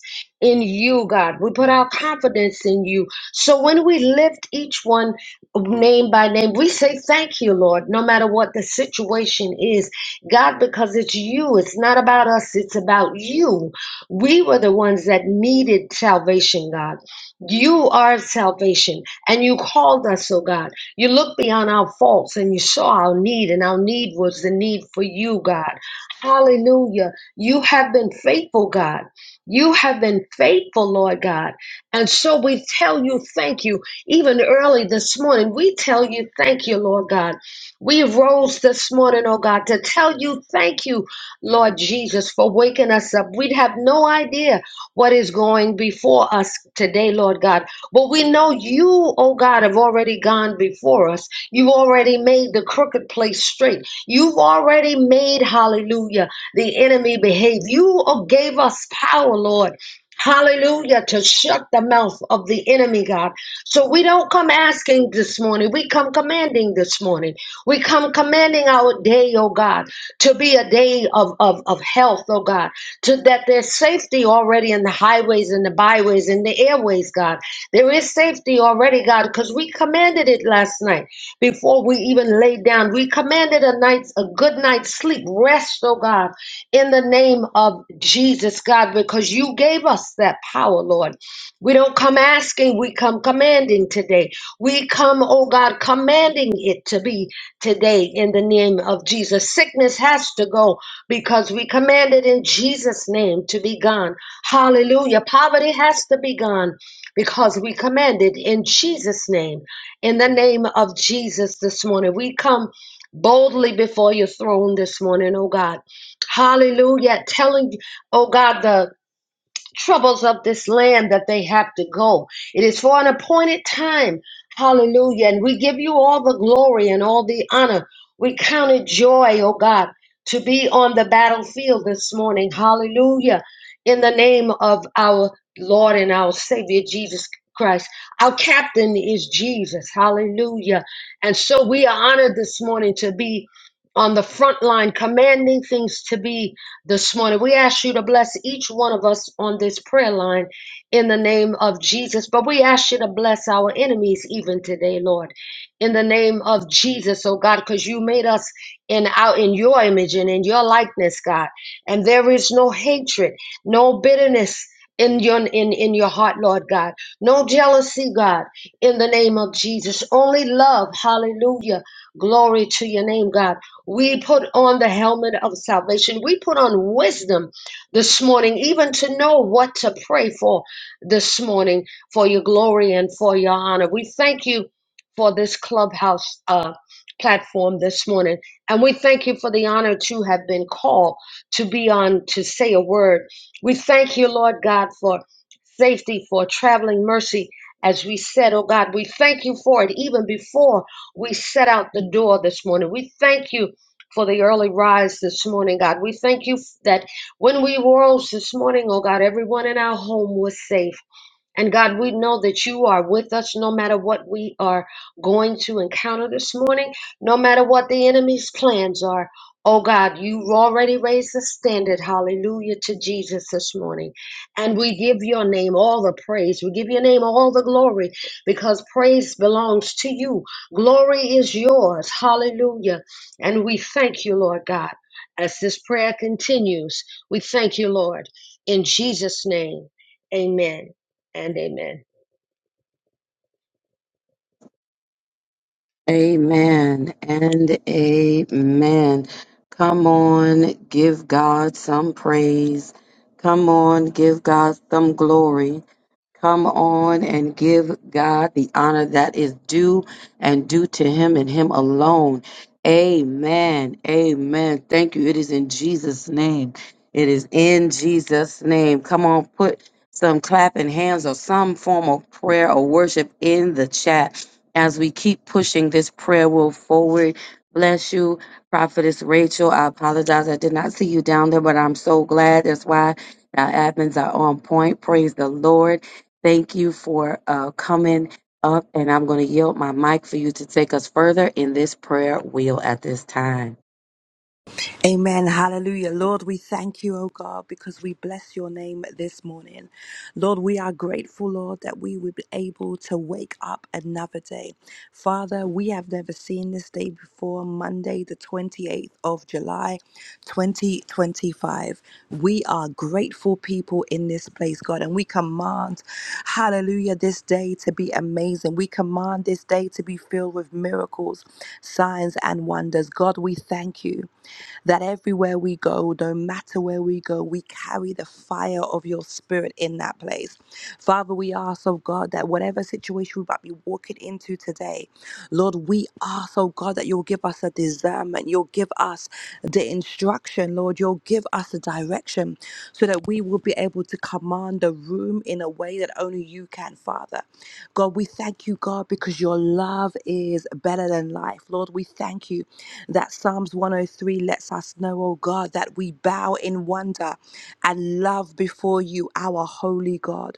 [SPEAKER 4] in you, God. We put our confidence in you. So when we lift each one name by name, we say thank you, Lord, no matter what the situation is. God, because it's you, it's not about us, it's about you. We were the ones that needed salvation, God. You are salvation, and you called us, oh God. You look beyond our faults and you saw our need, and our need was the need for you, God. Hallelujah. You have been faithful, God. You have been faithful, Lord God. And so we tell you thank you. Even early this morning, we tell you thank you, Lord God. We rose this morning, oh God, to tell you thank you, Lord Jesus, for waking us up. We'd have no idea what is going before us today, Lord God. But we know you, oh God, have already gone before us. You've already made the crooked place straight. You've already made, hallelujah, the enemy behave. You oh, gave us power, Lord. Hallelujah, to shut the mouth of the enemy, God. So we don't come asking this morning. We come commanding this morning. We come commanding our day, oh God, to be a day of, of, of health, oh God, to that there's safety already in the highways and the byways and the airways, God. There is safety already, God, because we commanded it last night before we even laid down. We commanded a night's a good night's sleep, rest, oh God, in the name of Jesus, God, because you gave us that power, Lord. We don't come asking, we come commanding today. We come, oh God, commanding it to be today in the name of Jesus. Sickness has to go because we commanded in Jesus' name to be gone. Hallelujah. Poverty has to be gone because we command it in Jesus' name. In the name of Jesus this morning, we come boldly before your throne this morning, oh God. Hallelujah. Telling, oh God, the troubles of this land that they have to go. It is for an appointed time. Hallelujah. And we give you all the glory and all the honor. We count it joy, oh God, to be on the battlefield this morning. Hallelujah. In the name of our Lord and our Savior Jesus Christ. Our captain is Jesus. Hallelujah. And so we are honored this morning to be on the front line, commanding things to be this morning. We ask you to bless each one of us on this prayer line in the name of Jesus. But we ask you to bless our enemies even today, Lord, in the name of Jesus, oh God, because you made us in our in your image and in your likeness, God. And there is no hatred, no bitterness. In your in, in your heart, Lord God. No jealousy, God, in the name of Jesus. Only love. Hallelujah. Glory to your name, God. We put on the helmet of salvation. We put on wisdom this morning, even to know what to pray for this morning for your glory and for your honor. We thank you for this clubhouse uh, platform this morning. And we thank you for the honor to have been called to be on to say a word. We thank you, Lord God, for safety, for traveling mercy. As we said, oh God, we thank you for it even before we set out the door this morning. We thank you for the early rise this morning, God. We thank you that when we rose this morning, oh God, everyone in our home was safe. And God, we know that you are with us no matter what we are going to encounter this morning, no matter what the enemy's plans are. Oh God, you already raised the standard, hallelujah, to Jesus this morning. And we give your name all the praise. We give your name all the glory because praise belongs to you. Glory is yours, hallelujah. And we thank you, Lord God. As this prayer continues, we thank you, Lord. In Jesus' name, amen and amen.
[SPEAKER 1] Amen and amen. Come on, give God some praise. Come on, give God some glory. Come on and give God the honor that is due and due to Him and Him alone. Amen. Amen. Thank you. It is in Jesus' name. It is in Jesus' name. Come on, put some clapping hands or some form of prayer or worship in the chat as we keep pushing this prayer wheel forward. Bless you, Prophetess Rachel. I apologize. I did not see you down there, but I'm so glad. That's why our admins are on point. Praise the Lord. Thank you for uh, coming up, and I'm going to yield my mic for you to take us further in this prayer wheel at this time.
[SPEAKER 5] Amen. Hallelujah. Lord, we thank you, oh God, because we bless your name this morning. Lord, we are grateful, Lord, that we would be able to wake up another day. Father, we have never seen this day before, Monday, the 28th of July, 2025. We are grateful people in this place, God, and we command, hallelujah, this day to be amazing. We command this day to be filled with miracles, signs, and wonders. God, we thank you that everywhere we go, no matter where we go, we carry the fire of your spirit in that place. Father, we ask, oh God, that whatever situation we might be walking into today, Lord, we ask, oh God, that you'll give us a discernment. You'll give us the instruction, Lord. You'll give us the direction so that we will be able to command the room in a way that only you can, Father. God, we thank you, God, because your love is better than life. Lord, we thank you that Psalms 103 lets us know, oh God, that we bow in wonder and love before you, our holy God.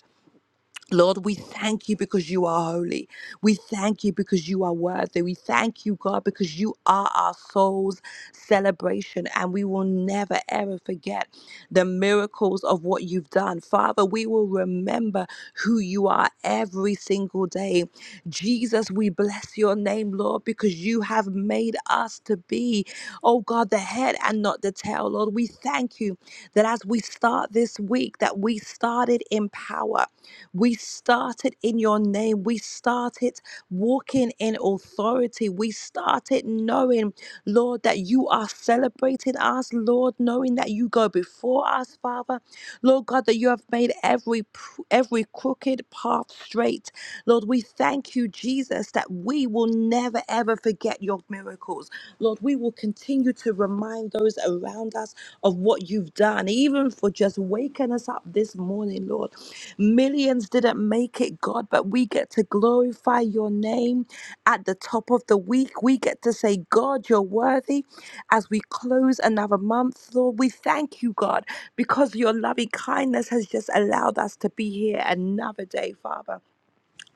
[SPEAKER 5] Lord, we thank you because you are holy. We thank you because you are worthy. We thank you, God, because you are our soul's celebration and we will never, ever forget the miracles of what you've done. Father, we will remember who you are every single day. Jesus, we bless your name, Lord, because you have made us to be, oh God, the head and not the tail, Lord. We thank you that as we start this week, that we started in power we started in your name. We started walking in authority. We started knowing, Lord, that you are celebrating us, Lord, knowing that you go before us, Father. Lord God, that you have made every pr- every crooked path straight. Lord, we thank you, Jesus, that we will never ever forget your miracles. Lord, we will continue to remind those around us of what you've done, even for just waking us up this morning, Lord. Millions didn't make it, God, but we get to glorify your name at the top of the week. We get to say, God, you're worthy as we close another month, Lord. We thank you, God, because your loving kindness has just allowed us to be here another day, Father.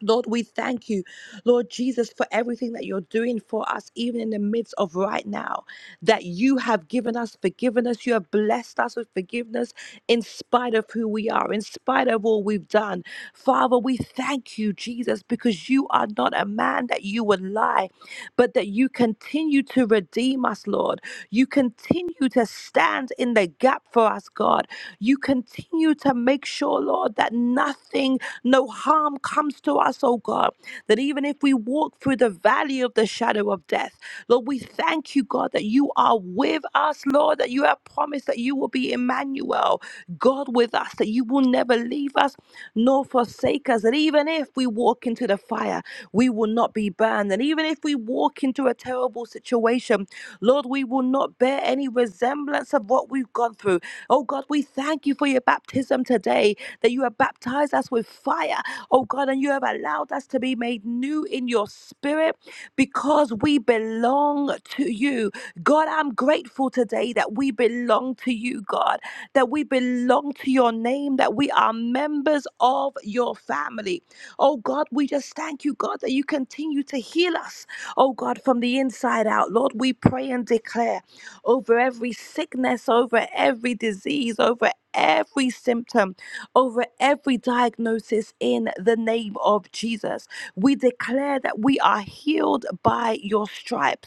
[SPEAKER 5] Lord, we thank you, Lord Jesus, for everything that you're doing for us, even in the midst of right now, that you have given us forgiveness. You have blessed us with forgiveness in spite of who we are, in spite of all we've done. Father, we thank you, Jesus, because you are not a man that you would lie, but that you continue to redeem us, Lord. You continue to stand in the gap for us, God. You continue to make sure, Lord, that nothing, no harm comes to us, oh God. That even if we walk through the valley of the shadow of death, Lord, we thank you, God, that you are with us, Lord, that you have promised that you will be Emmanuel, God with us, that you will never leave us nor forsake us. And even if we walk into the fire, we will not be burned. And even if we walk into a terrible situation, Lord, we will not bear any resemblance of what we've gone through. Oh God, we thank you for your baptism today, that you have baptized us with fire, oh God, and you have allowed us to be made new in your spirit because we belong to you. God, I'm grateful today that we belong to you, God that we belong to your name, that we are members of your family. Oh God, we just thank you, God, that you continue to heal us, oh God, from the inside out. Lord, we pray and declare over every sickness, over every disease, over every symptom, over every diagnosis in the name of Jesus. We declare that we are healed by your stripes.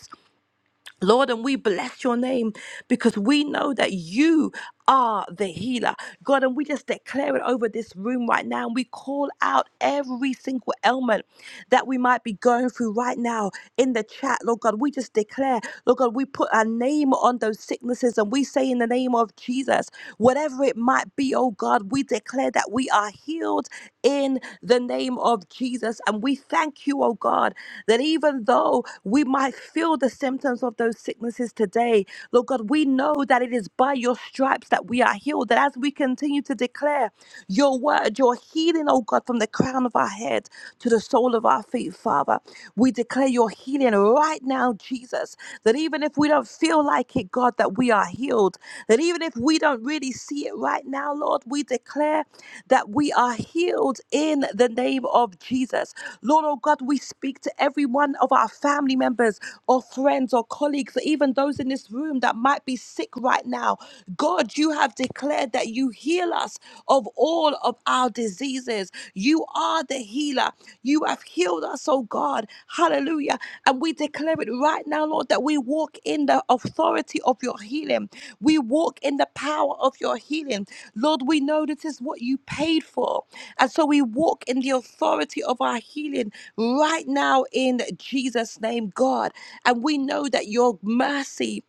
[SPEAKER 5] Lord, and we bless your name because we know that you are the healer. God, and we just declare it over this room right now. And we call out every single ailment that we might be going through right now in the chat. Lord God, we just declare, Lord God, we put our name on those sicknesses and we say in the name of Jesus, whatever it might be, oh God, we declare that we are healed in the name of Jesus. And we thank you, oh God, that even though we might feel the symptoms of those sicknesses today, Lord God, we know that it is by your stripes that we are healed. That as we continue to declare, your word, your healing, oh God, from the crown of our head to the sole of our feet, Father. We declare your healing right now, Jesus, that even if we don't feel like it, God, that we are healed, that even if we don't really see it right now, Lord, we declare that we are healed in the name of Jesus. Lord, oh God, we speak to every one of our family members or friends or colleagues, even those in this room that might be sick right now. God, God, you have declared that you heal us of all of our diseases. You are the healer. You have healed us, oh God. Hallelujah. And we declare it right now, Lord, that we walk in the authority of your healing. We walk in the power of your healing. Lord, we know this is what you paid for. And so we walk in the authority of our healing right now in Jesus' name, God. And we know that your mercy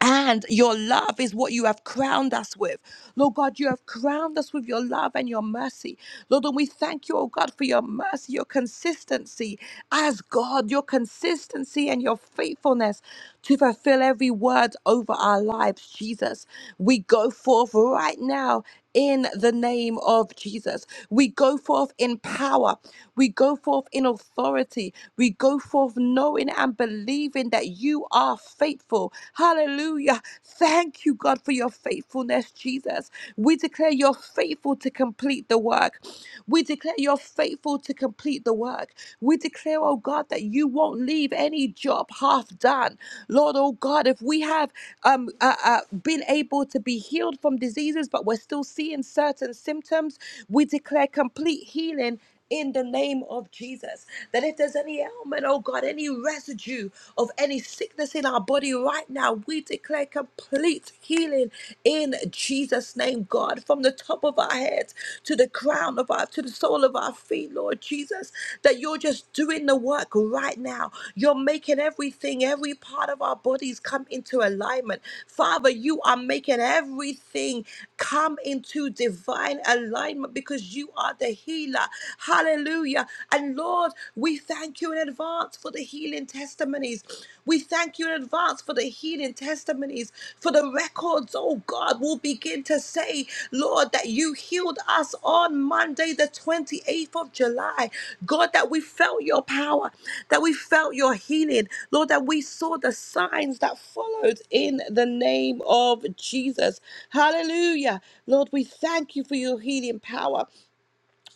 [SPEAKER 5] and your love is what you have crowned us with. Lord God, you have crowned us with your love and your mercy. Lord, and we thank you, oh God, for your mercy, your consistency as God, your consistency and your faithfulness to fulfill every word over our lives, Jesus. We go forth right now in the name of Jesus. We go forth in power. We go forth in authority. We go forth knowing and believing that you are faithful. Hallelujah. Thank you, God, for your faithfulness, Jesus. We declare you're faithful to complete the work. We declare you're faithful to complete the work. We declare, oh God, that you won't leave any job half done. Lord, oh God, if we have um, uh, uh, been able to be healed from diseases, but we're still seeing certain symptoms, we declare complete healing. In the name of Jesus, that if there's any ailment, oh God, any residue of any sickness in our body right now, we declare complete healing in Jesus' name, God, from the top of our head heads to the crown of our, to the sole of our feet, Lord Jesus, that you're just doing the work right now. You're making everything, every part of our bodies come into alignment. Father, you are making everything come into divine alignment because you are the healer. Hallelujah. And Lord, we thank you in advance for the healing testimonies. We. We thank you in advance for the healing testimonies, for the records, oh God. We'll begin to say, Lord, that you healed us on Monday, the 28th of July. God, that we felt your power, that we felt your healing. Lord, that we saw the signs that followed in the name of Jesus. Hallelujah. Lord, we thank you for your healing power.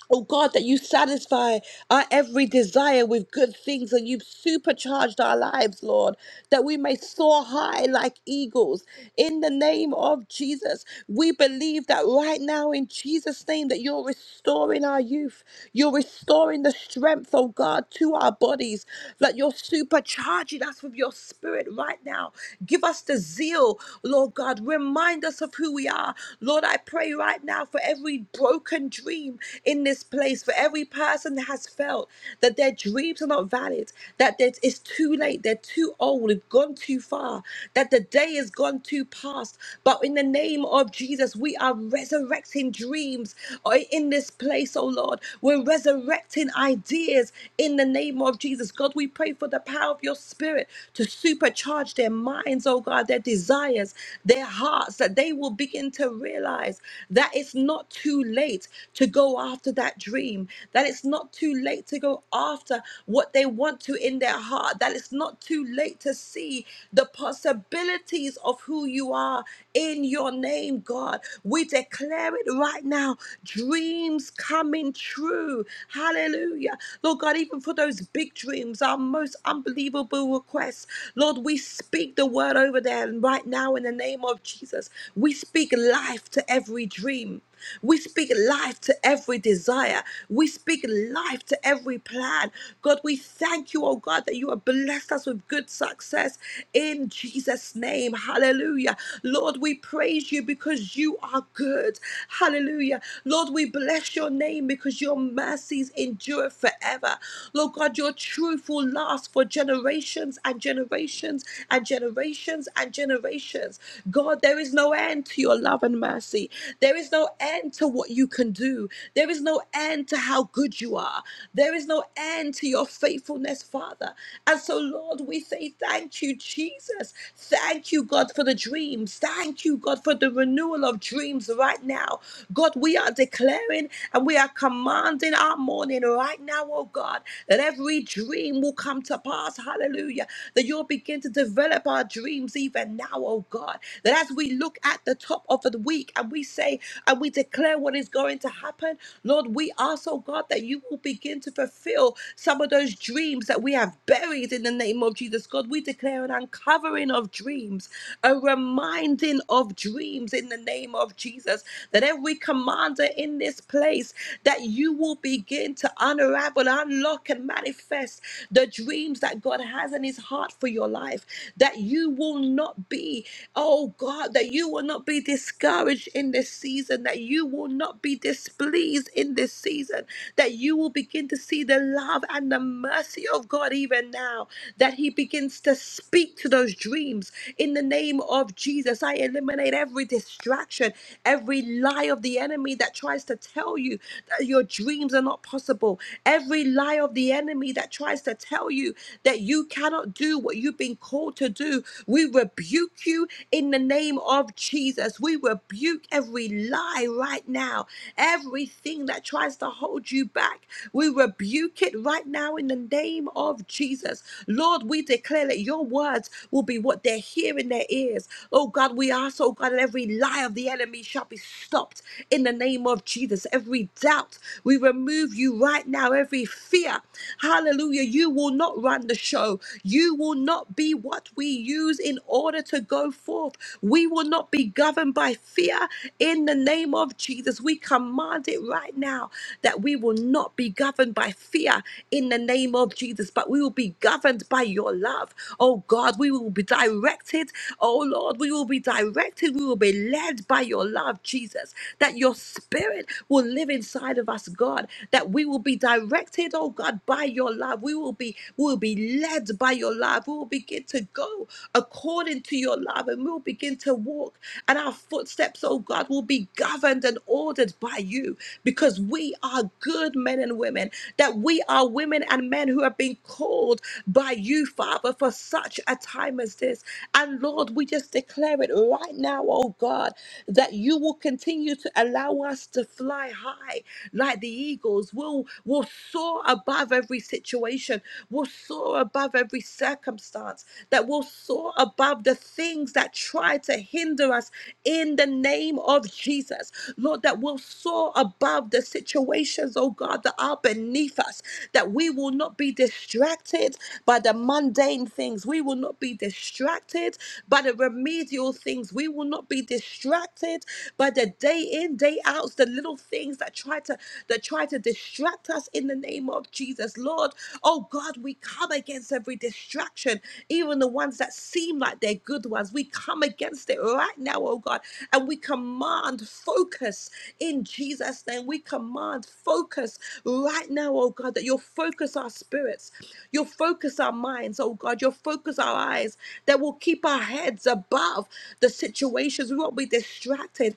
[SPEAKER 5] Oh God, that you satisfy our every desire with good things and you've supercharged our lives, Lord, that we may soar high like eagles. In the name of Jesus, we believe that right now, in Jesus' name, that you're restoring our youth. You're restoring the strength, oh God, to our bodies, that you're supercharging us with your spirit right now. Give us the zeal, Lord God. Remind us of who we are. Lord, I pray right now for every broken broken dream in this place for every person that has felt that their dreams are not valid, that there's- it's too late, they're too old, we've gone too far, that the day has gone too past. But in the name of Jesus, we are resurrecting dreams oh, in this place, oh Lord. We're resurrecting ideas in the name of Jesus. God, we pray for the power of your spirit to supercharge their minds, oh God, their desires, their hearts, that they will begin to realize yourself that it's not too late to go after that dream, that it's not too late to go after what they want to in their heart, that it's not too late to see the possibilities of who you are in your name, God. We declare it right now dreams coming true. Hallelujah. Lord God, even for those big dreams, our most unbelievable requests, Lord, we speak the word over them right now in the name of Jesus. We speak life to every dream. We speak life to every desire. We speak life to every plan. God, we thank you, oh God, that you have blessed us with good success in Jesus' name. Hallelujah. Lord, we praise you because you are good. Hallelujah. Lord, we bless your name because your mercies endure forever. Lord God, your truth will last for generations and generations and generations and generations patience. God, there is no end to your love and mercy. There is no end to what you can do. There is no end to how good you are. There is no end to your faithfulness, Father. And so, Lord, we say thank you, Jesus. Thank you, God, for the dreams. Thank you, God, for the renewal of dreams right now. God, we are declaring and we are commanding our morning right now, oh God, that every dream will come to pass. Hallelujah. That you'll begin to develop our our dreams even now, oh God. That as we look at the top of the week and we say and we declare what is going to happen, Lord, we ask, oh God, that you will begin to fulfill some of those dreams that we have buried in the name of Jesus. God, we declare an uncovering of dreams, a reminding of dreams in the name of Jesus. That every commander in this place, that you will begin to unravel, unlock, and manifest the dreams that God has in his heart heart for your life, that you will not be, oh God, that you will not be discouraged in this season, that you will not be displeased in this season, that you will begin to see the love and the mercy of God even now, that He begins to speak to those dreams in the name of Jesus. I eliminate every distraction, every lie of the enemy that tries to tell you that your dreams are not possible, every lie of the enemy that tries to tell you you that you cannot do what you've been called to do. We rebuke you in the name of Jesus. We rebuke every lie right now, everything that tries to hold you back. We rebuke it right now in the name of Jesus. Lord, we declare that your words will be what they hear in their ears. Oh God, we ask, oh God, that every lie of the enemy shall be stopped in the name of Jesus. Every doubt, we remove you right now. Every fear. Hallelujah. You will not run the show. You will not be what we use in order to go forth. We will not be governed by fear in the name of Jesus. We command it right now that we will not be governed by fear in the name of Jesus, but we will be governed by your love. Oh God, we will be directed. Oh Lord, we will be directed. We will be led by your love, Jesus. That your spirit will live inside of us, God. That we will be will be directed, oh God, by your love. We will be, we will be led by your love. We will begin to go according to your love and we'll begin to walk. And our footsteps, oh God, will be governed and ordered by you because we are good men and women, that we are women and men who have been called by you, Father, for such a time as this. And Lord, we just declare it right now, oh God, that you will continue to allow us to fly high, like the eagles. We'll, we'll soar above every situation. We'll soar above every circumstance. That we'll soar above the things that try to hinder us in the name of Jesus. Lord, that we'll soar above the situations, oh God, that are beneath us. That we will not be distracted by the mundane things. We will not be distracted by the remedial things. We will not be distracted by the day in, day out doubts, the little things that try to that try to distract us in the name of Jesus. Lord, oh God, we come against every distraction, even the ones that seem like they're good ones. We come against it right now, oh God, and we command focus in Jesus' name. We command focus right now, oh God, that you'll focus our spirits, you'll focus our minds, oh God, you'll focus our eyes, that will keep our heads above the situations. We won't be distracted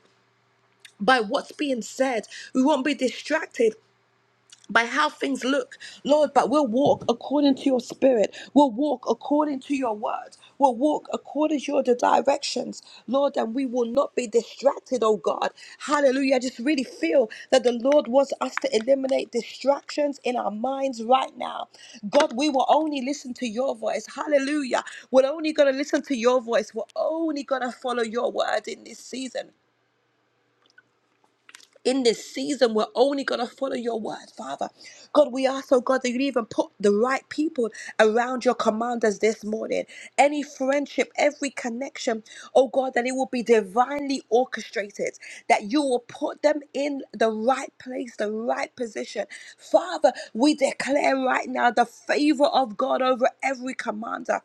[SPEAKER 5] by what's being said. We won't be distracted by how things look, Lord, but we'll walk according to your spirit. We'll walk according to your word. We'll walk according to your directions, Lord, and we will not be distracted, oh God. Hallelujah. I just really feel that the Lord wants us to eliminate distractions in our minds right now. God, we will only listen to your voice. Hallelujah. We're only going to listen to your voice. We're only going to follow your word in this season in this season, we're only going to follow your word, Father. God, we ask, oh God, that you even put the right people around your commanders this morning. Any friendship, every connection, oh God, that it will be divinely orchestrated, that you will put them in the right place, the right position. Father, we declare right now the favor of God over every commander.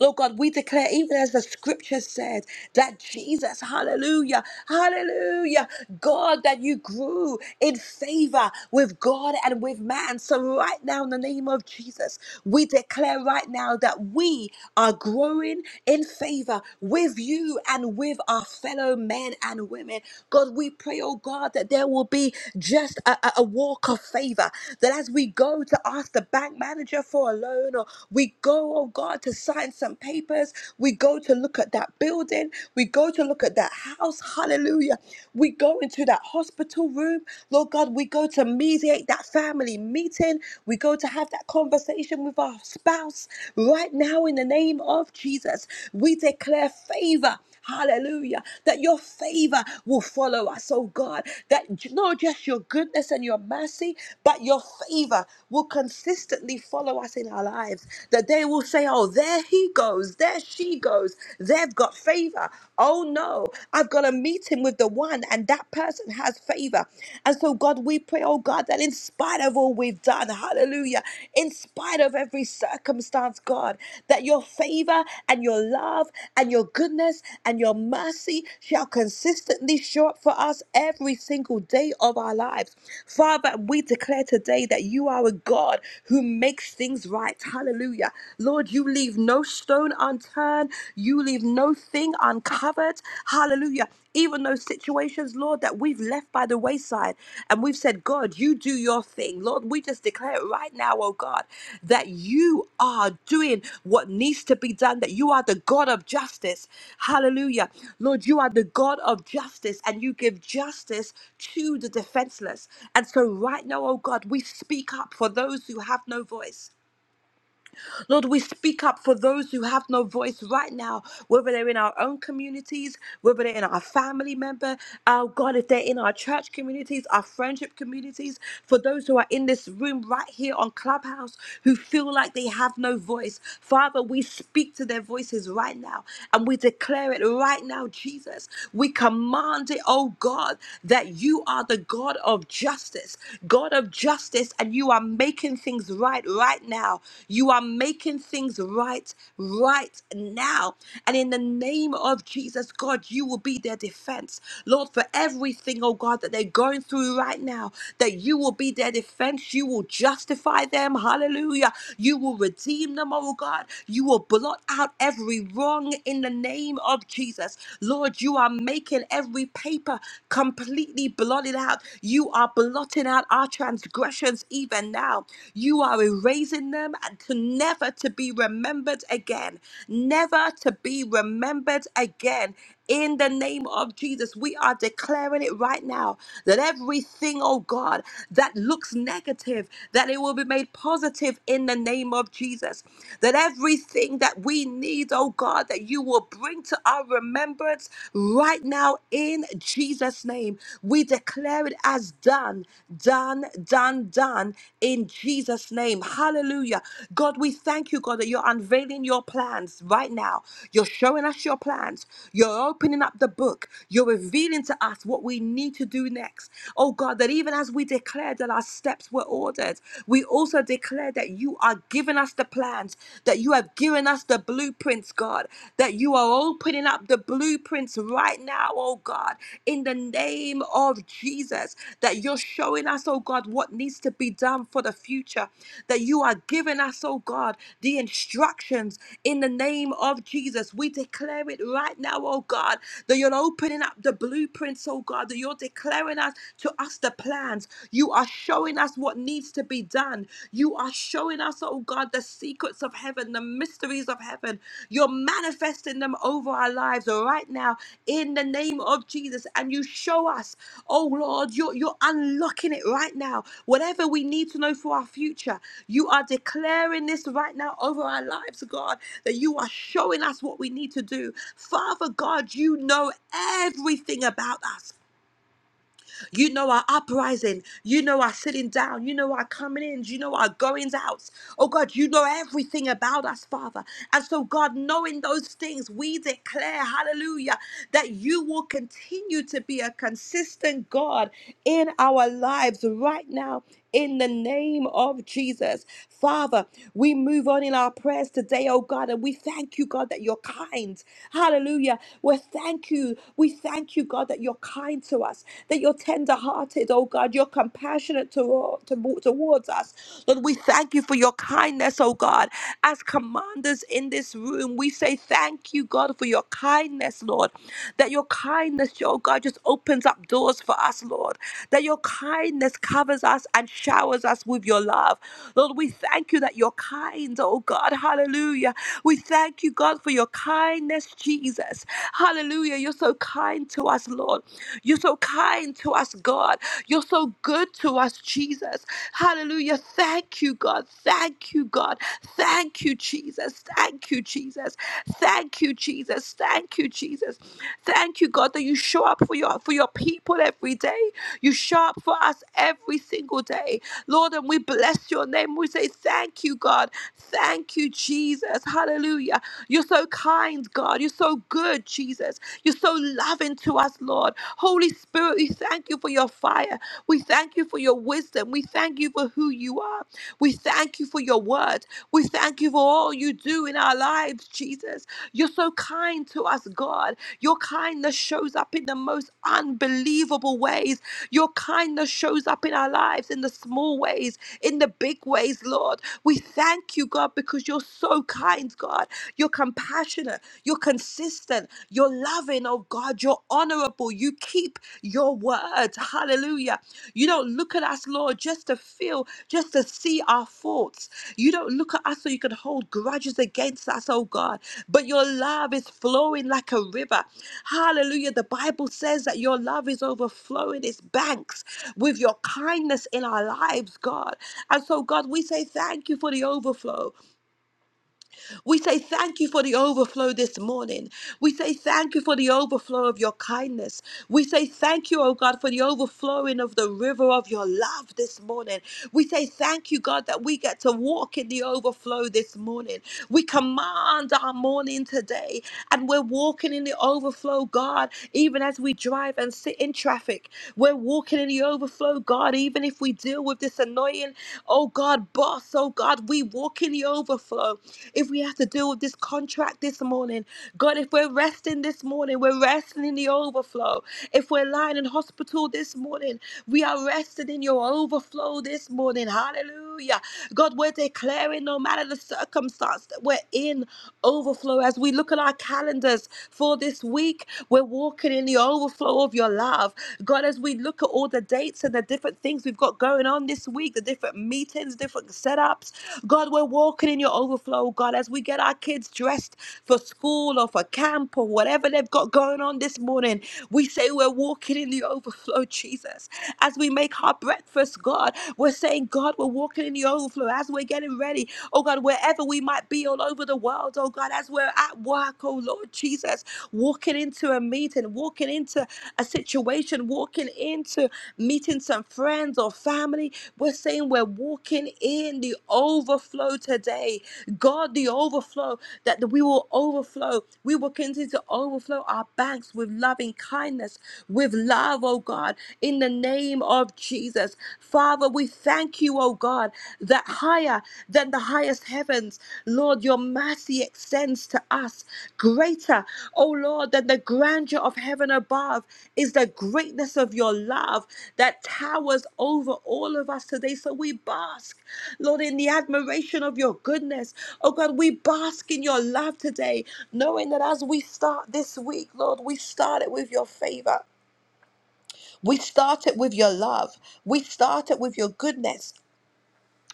[SPEAKER 5] Lord God, we declare, even as the scripture said, that Jesus, hallelujah, hallelujah, God, that you grew in favor with God and with man. So, right now, in the name of Jesus, we declare right now that we are growing in favor with you and with our fellow men and women. God, we pray, oh God, that there will be just a, a a walk of favor, that as we go to ask the bank manager for a loan or we go, oh God, God to sign some papers. We go to look at that building. We go to look at that house. Hallelujah. We go into that hospital room. Lord God, we go to mediate that family meeting. We go to have that conversation with our spouse right now in the name of Jesus. We declare favor. Hallelujah. That your favor will follow us, oh God. That j- not just your goodness and your mercy, but your favor will consistently follow us in our lives. That they will say, oh, there he goes, there she goes. They've got favor. Oh no, I've got to meet him with the one, and that person has favor. And so, God, we pray, oh God, that in spite of all we've done, Hallelujah. In spite of every circumstance, God, that your favor and your love and your goodness and your mercy shall consistently show up for us every single day of our lives. Father, we declare today that you are a God who makes things right. Hallelujah. Lord, you leave no stone unturned, you leave no thing uncovered. Hallelujah. Hallelujah. Even those situations, Lord, that we've left by the wayside and we've said, God, you do your thing. Lord, we just declare it right now, oh God, that you are doing what needs to be done, that you are the God of justice. Hallelujah. Lord, you are the God of justice and you give justice to the defenseless. And so, right now, oh God, we speak up for those who have no voice. Lord, we speak up for those who have no voice right now, whether they're in our own communities, whether they're in our family member, oh God, if they're in our church communities, our friendship communities, for those who are in this room right here on Clubhouse who feel like they have no voice. Father, we speak to their voices right now and we declare it right now, Jesus. We command it, oh God, that you are the God of justice, God of justice justice and you are making things right right now. You are making things right right now. And in the name of Jesus, God, you will be their defense. Lord, for everything, oh God, that they're going through right now, that you will be their defense. You will justify them. Hallelujah. You will redeem them, oh God. You will blot out every wrong in the name of Jesus. Lord, you are making every paper completely blotted out. You are blotting out our transgressions even now. You are erasing them and to never to be remembered again. Never to be remembered again. In the name of Jesus, we are declaring it right now that everything, oh God, that looks negative, that it will be made positive in the name of Jesus. That everything that we need, oh God, that you will bring bring to our remembrance right now in Jesus' name. We declare it as done, done, done, done in Jesus' name. Hallelujah. God, we thank you, God, that you're unveiling your plans right now. You're showing us your plans. You're opening up the book. You're revealing to us what we need to do next. Oh, God, that even as we declared that our steps were ordered, we also declare that you are giving us the plan plans, that you have given us the blueprints, God, that you are opening up the blueprints right now, oh God, in the name of Jesus, that you're showing us, oh God, what needs to be done for the future, that you are giving us, oh God, the instructions in the name of Jesus. We declare it right now, oh God, that you're opening up the blueprints, oh God, that you're declaring us to us the plans. You are showing showing us what needs to be done. You are showing us, oh God, the secrets of heaven, the mysteries of heaven. You're manifesting them over our lives right now in the name of Jesus. And you show us, oh Lord, you're, you're unlocking it right now. Whatever we need to know for our future, you are declaring this right now over our lives, God, that you are showing us what we need to do. Father God, you know everything about us. You know our uprising. You know our sitting down. You know our coming in. You know our goings outs. Oh God, you know everything about us, Father. And so, God, knowing those things, we declare, hallelujah, that you will continue to be a consistent God in our lives right now in the name of Jesus. Father, we move on in our prayers today, oh God, and we thank you, God, that you're kind. Hallelujah. We thank you. We thank you, God, that you're kind to us, that you're tender hearted, oh God, you're compassionate to, to, towards us. Lord, we thank you for your kindness, oh God. As commanders in this room, we say thank you, God, for your kindness, Lord, that your kindness kindness, your God, just opens up doors for us, Lord. That your kindness covers us and showers us with your love. Lord, we thank you that you're kind, oh God. Hallelujah. We thank you, God, for your kindness, Jesus. Hallelujah. You're so kind to us, Lord. You're so kind to us, God. You're so good to us, Jesus. Hallelujah. Thank you, God. Thank you, God. Thank you, Jesus. Jesus. Thank you, Jesus. Thank you, Jesus. Thank you, Jesus. Thank you, God, that you show up for your for your people every day. You show up for us every single day. Lord, and we bless your name. We say thank you, God. Thank you, Jesus. Hallelujah. You're so kind, God. You're so good, Jesus. You're so loving to us, Lord. Holy Spirit, we thank you for your fire. We thank you for your wisdom. We thank you for who you are. We thank you for your word. We thank you for all you do in our lives, Jesus. You're so kind to us, God. Your kindness shows up in the most unbelievable ways. Your kindness shows up in our lives in the small ways, in the big ways, Lord. We thank you, God, because you're so kind, God. You're compassionate. You're consistent. You're loving loving, oh God. You're honorable. You keep your word. Hallelujah. You don't look at us, Lord, just to feel, just to see our faults. You don't look at us so you can hold grudges against us, oh God. But your love is flowing like a river. Hallelujah. The Bible says that your love is overflowing its banks with your kindness in our lives, God. And so, God, we say thank you for the overflow. We say thank you for the overflow this morning. We say thank you for the overflow of your kindness. We say thank you, oh God, for the overflowing of the river of your love this morning. We say thank you, God, that we get to walk in the overflow this morning. We command our morning today, and we're walking in the overflow, God, even as we drive and sit in traffic. We're walking in the overflow, God, even if we deal with this annoying, oh God, boss, oh God, we walk in the overflow. If we have to deal with this contract this morning, God, if we're resting this morning, we're resting in the overflow. If we're lying in hospital this morning, we are resting in your overflow this morning. Hallelujah. God, we're declaring no matter the circumstance that we're in overflow. As we look at our calendars for this week, we're walking in the overflow overflow of your love. God, as we look at all the dates and the different things we've got going on this week, the different meetings, different setups, God, we're walking in your overflow, God, as we get our kids dressed for school or for camp or whatever they've got going on this morning. We say we're walking in the overflow, Jesus. As we make our breakfast, God, we're saying, God, we're walking in the overflow as we're getting ready. Oh God, wherever we might be all over the world out, oh God, as we're at work, oh Lord Jesus, walking into a meeting, walking into a situation, walking into meeting some friends or family. We're saying we're walking in the overflow today. God, the overflow that we will overflow. We will continue to overflow our banks with loving kindness, with love, oh God, in the name of Jesus. Father, we thank you you, oh God, that higher than the highest heavens, Lord, your mercy extends to us greater, oh Lord, than the grandeur of heaven above is the greatness of your love that towers over all of us today. So we bask, Lord, in the admiration of your goodness. Oh God, we bask in your love today, knowing that as we start this week, Lord, we start it with your favor. We start it with your love. We start it with your goodness.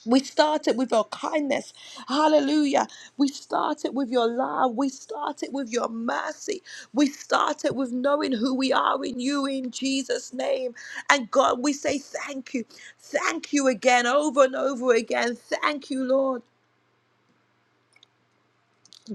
[SPEAKER 5] We started with your kindness. Hallelujah. We started with your love. We started with your mercy. We started with knowing who we are in you in Jesus' name. And God, we say thank you. Thank you again, over and over again. Thank you, Lord.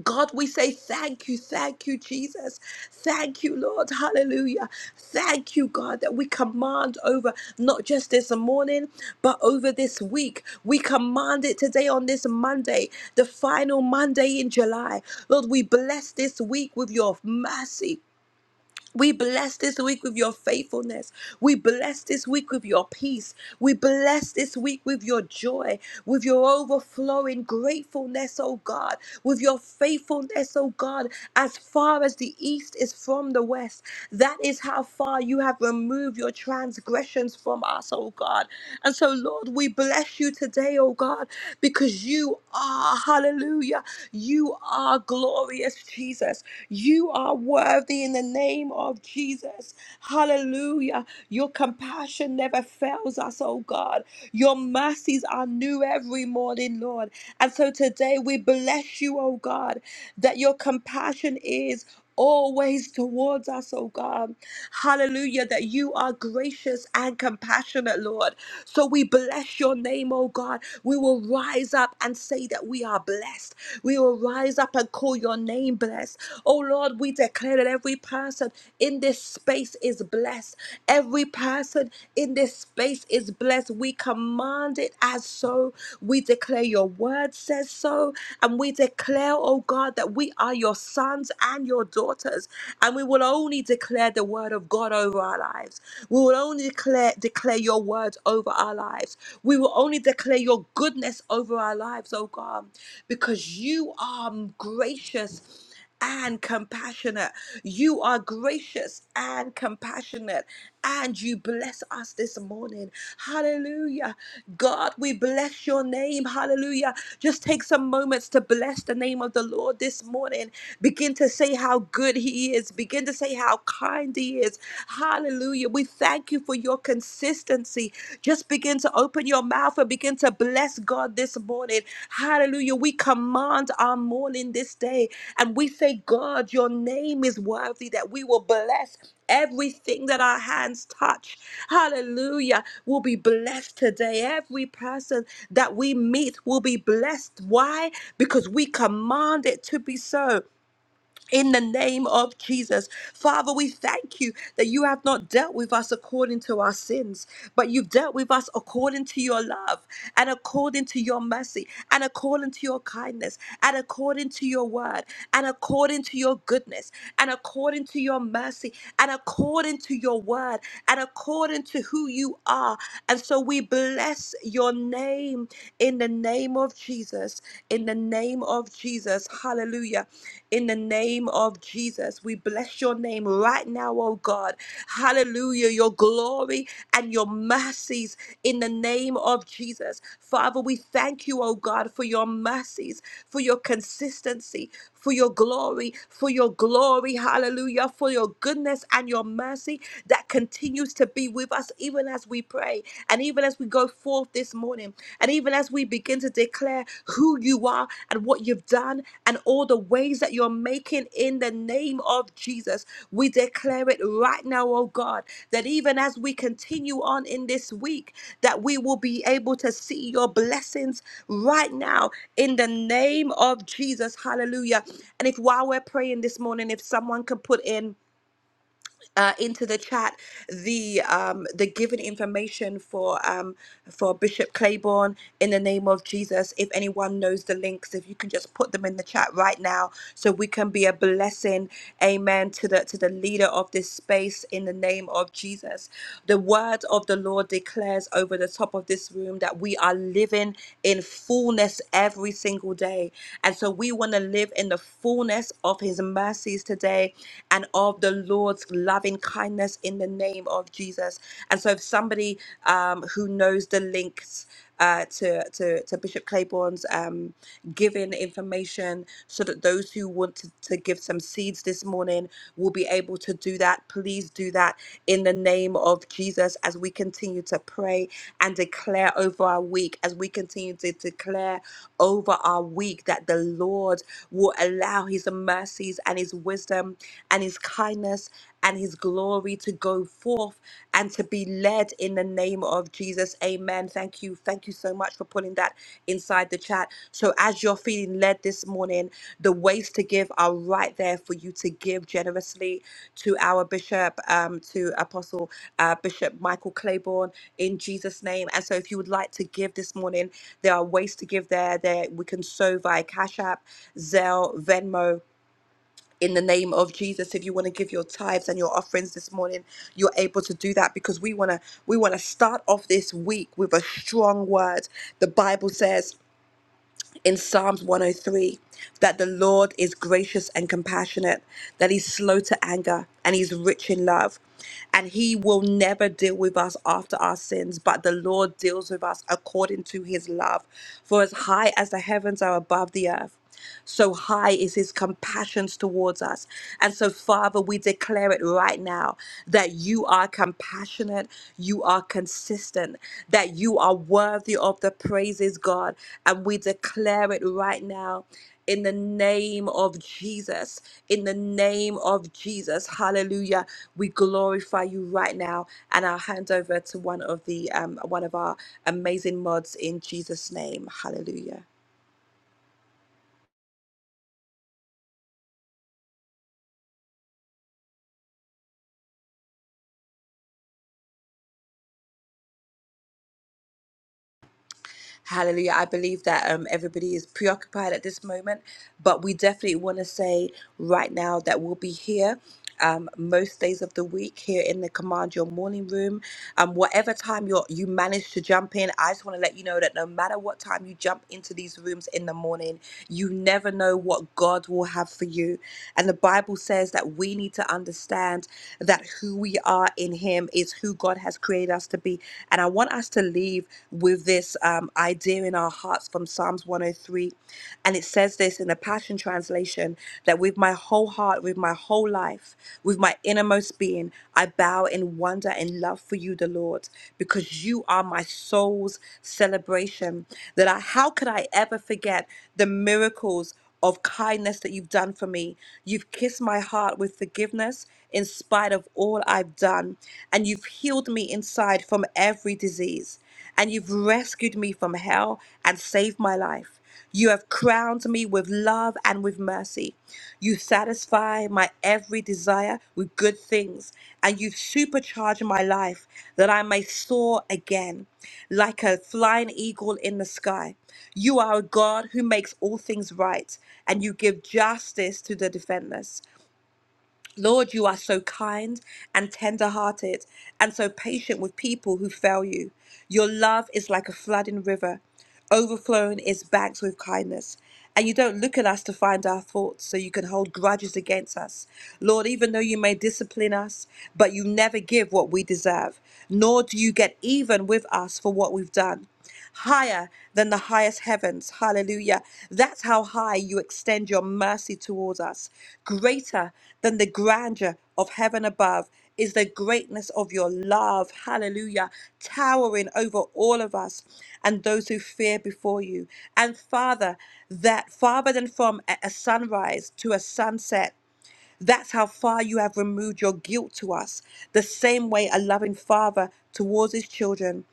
[SPEAKER 5] God, we say thank you, thank you, Jesus. Thank you, Lord. Hallelujah. Thank you, God, that we command over not just this morning, but over this week. We command it today on this Monday, the final Monday in July. Lord, we bless this week with your mercy. We bless this week with your faithfulness. We bless this week with your peace. We bless this week with your joy, with your overflowing gratefulness, O God, with your faithfulness, O God, as far as the east is from the west. That is how far you have removed your transgressions from us, O God. And so, Lord, we bless you today, O God, because you are, hallelujah, you are glorious glorious Jesus. You are worthy in the name of Jesus. Hallelujah. Your compassion never fails us, oh God. Your mercies are new every morning, Lord. And so today we bless you, oh God, that your compassion is always towards us, oh God. Hallelujah, that you are gracious and compassionate, Lord. So we bless your name, oh God. We will rise up and say that we are blessed. We will rise up and call your name blessed. Oh Lord, we declare that every person in this space is blessed. Every person in this space is blessed. We command it as so. We declare your word says so. And we declare, oh God, that we are your sons and your daughters. And we will only declare the word of God over our lives. We will only declare, declare your words over our lives. We will only declare your goodness over our lives, oh God, because you are gracious and compassionate. You are gracious and compassionate and you bless us this morning. Hallelujah. God, we bless your name. Hallelujah. Just take some moments to bless the name of the Lord this morning. Begin to say how good he is. Begin to say how kind he is. Hallelujah. We thank you for your consistency. Just begin to open your mouth and begin to bless God this morning. Hallelujah. We command our morning this day and we say, God, your name is worthy that we will bless Everything that our hands touch, hallelujah, will be blessed today. Every person that we meet will be blessed. Why? Because we command it to be so in the name of Jesus. Father, we thank you that you have not dealt with us according to our sins, but you've dealt with us according to your love and according to your mercy and according to your kindness and according to your word and according to your goodness and according to your mercy and according to your word and according to who you are. And so we bless your name in the name of Jesus, in the name of Jesus. Hallelujah in the name of Jesus. We bless your name right now, oh God. Hallelujah. Your glory and your mercies in the name of Jesus. Father, we thank you, oh God, for your mercies, for your consistency, for your glory, for your glory. Hallelujah. For your goodness and your mercy that continues to be with us even as we pray and even as we go forth forth this morning. And even as we begin to declare who you are and what you've done and all the ways that you're making in the name of Jesus, we declare it right now, oh God, that even as we continue on in this week, that we will be able to see your blessings right now in the name of Jesus. Hallelujah. And if while we're praying this morning, if someone could put in, uh, into the chat the um, the given information for um, for Bishop Claiborne in the name of Jesus. If anyone knows the links, if you can just put them in the chat right now, so we can be a blessing, Amen, to the to the leader of this space in the name of Jesus. The word of the Lord declares over the top of this room that we are living in fullness every single day, and so we want to live in the fullness of His mercies today and of the Lord's loving kindness in the name of Jesus. And so, if somebody um, who knows the links uh, to, to, to Bishop Claiborne's um, giving information, so that those who want to, to give some seeds this morning will be able to do that, please do that in the name of Jesus as we continue to pray and declare over our week, as we continue to declare over our week that the Lord will allow His mercies and His wisdom wisdom and his kindness and his glory to go forth and to be led in the name of Jesus. Amen. Thank you. Thank you so much for putting that inside the chat. So, as you're feeling led this morning, the ways to give are right there for you to give generously to our bishop, um, to Apostle uh, Bishop Michael Claiborne in Jesus' name. And so, if you would like to give this morning, there are ways to give there. There we can sow via Cash App, Zelle, Venmo in the name of Jesus. If you want to give your tithes and your offerings this morning, you're able to do that because we want to we want to start off this week with a strong word. The Bible says in Psalms 103 that the Lord is gracious and compassionate, that he's slow to anger and he's rich in love. And he will never deal with us after our sins, but the Lord deals with us according to his love. For as high as the heavens are above the earth, so high is his compassions towards us. And so, Father, we declare it right now that you are compassionate, you are consistent, that you are worthy of the praises, God. And we declare it right now. In the name of Jesus, in the name of Jesus, hallelujah. We glorify you right now. And I'll hand over to one of the um, one of our amazing mods in Jesus' name. Hallelujah. Hallelujah. I believe that um, everybody is preoccupied at this moment, but we definitely want to say right now that we'll be here. Um, most days of the week here in the command your morning room um, whatever time you you manage to jump in i just want to let you know that no matter what time you jump into these rooms in the morning you never know what god will have for you and the bible says that we need to understand that who we are in him is who god has created us to be body. And I want us to leave with this um, idea in our hearts from Psalms 103. And it says this in the Passion Translation that with my whole heart, with my whole life, with my innermost being, I bow in wonder and love for you, the Lord, because you are my soul's celebration. That I, how could I ever forget the miracles? of kindness that you've done for me. You've kissed my heart with forgiveness in spite of all I've done. And you've healed me inside from every disease. And you've rescued me from hell and saved my life. You have crowned me with love and with mercy me. You satisfy my every desire with good things, and you supercharge my life that I may soar again like a flying eagle in the sky. You are a God who makes all things right, and you give justice to the defenseless. Lord, you are so kind and tender hearted and so patient with people who fail you. Your love is like a flooding river, overflowing its banks with kindness. And you don't look at us to find our faults, so you can hold grudges against us. Lord, even though you may discipline us, but you never give what we deserve, nor do you get even with us for what we've done higher than the highest heavens. Hallelujah. That's how high you extend your mercy towards us. Greater than the grandeur of heaven above is the greatness of your love. Hallelujah. Towering over all of us and those who fear before you. And Father, that farther than from a a sunrise to a sunset, that's how far you have removed your guilt to us, the same way a loving father towards his children.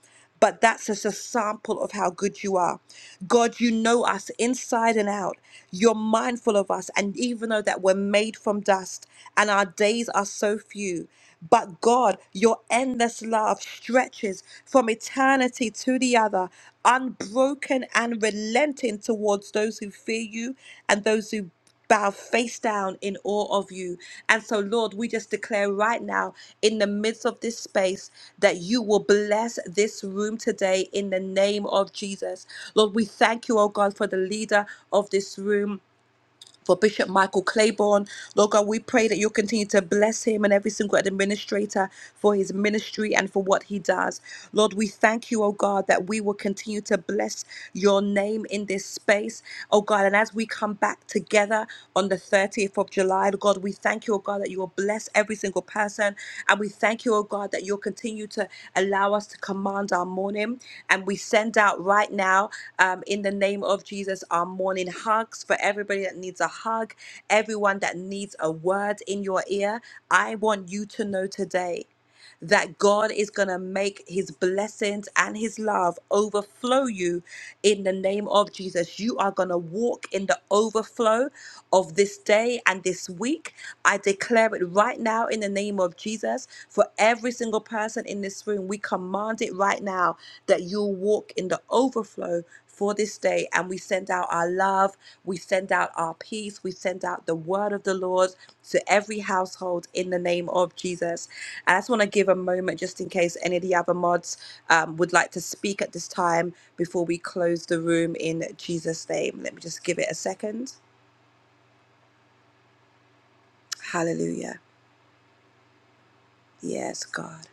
[SPEAKER 5] But that's just a sample of how good you are. God, you know us inside and out. You're mindful of us. And even though that we're made from dust and our days are so few, but God, your endless love stretches from eternity to the other, unbroken and relenting towards those who fear you and those who bow face down in awe of you. And so, Lord, we just declare right now in the midst of this space that you will bless this room today in the name of Jesus. Lord, we thank you, oh God, for the leader of this room for Bishop Michael Claiborne. Lord God, we pray that you'll continue to bless him and every single administrator for his ministry and for what he does. Lord, we thank you, oh God, that we will continue to bless your name in this space, oh God. And as we come back together on the 30th of July, Lord God, we thank you, oh God oh God, that you will bless every single person. And we thank you, oh God, that you'll continue to allow us to command our morning. And we send out right now, um, in the name of Jesus, our morning hugs for everybody that needs a hug, everyone that needs a word in your ear. I want you to know today that God is going to make his blessings and his love overflow you in the name of Jesus. You are going to walk in the overflow of this day and this week. I declare it right now in the name of Jesus for every single person in this room. We command it right now that you'll walk in the overflow for this day. And we send out our love, we send out our peace, we send out the word of the Lord to every household in the name of Jesus. I just want to give a moment just in case any of the other mods um, would like to speak at this time before we close the room in Jesus' name. Let me just give it a second. Hallelujah. Yes, God.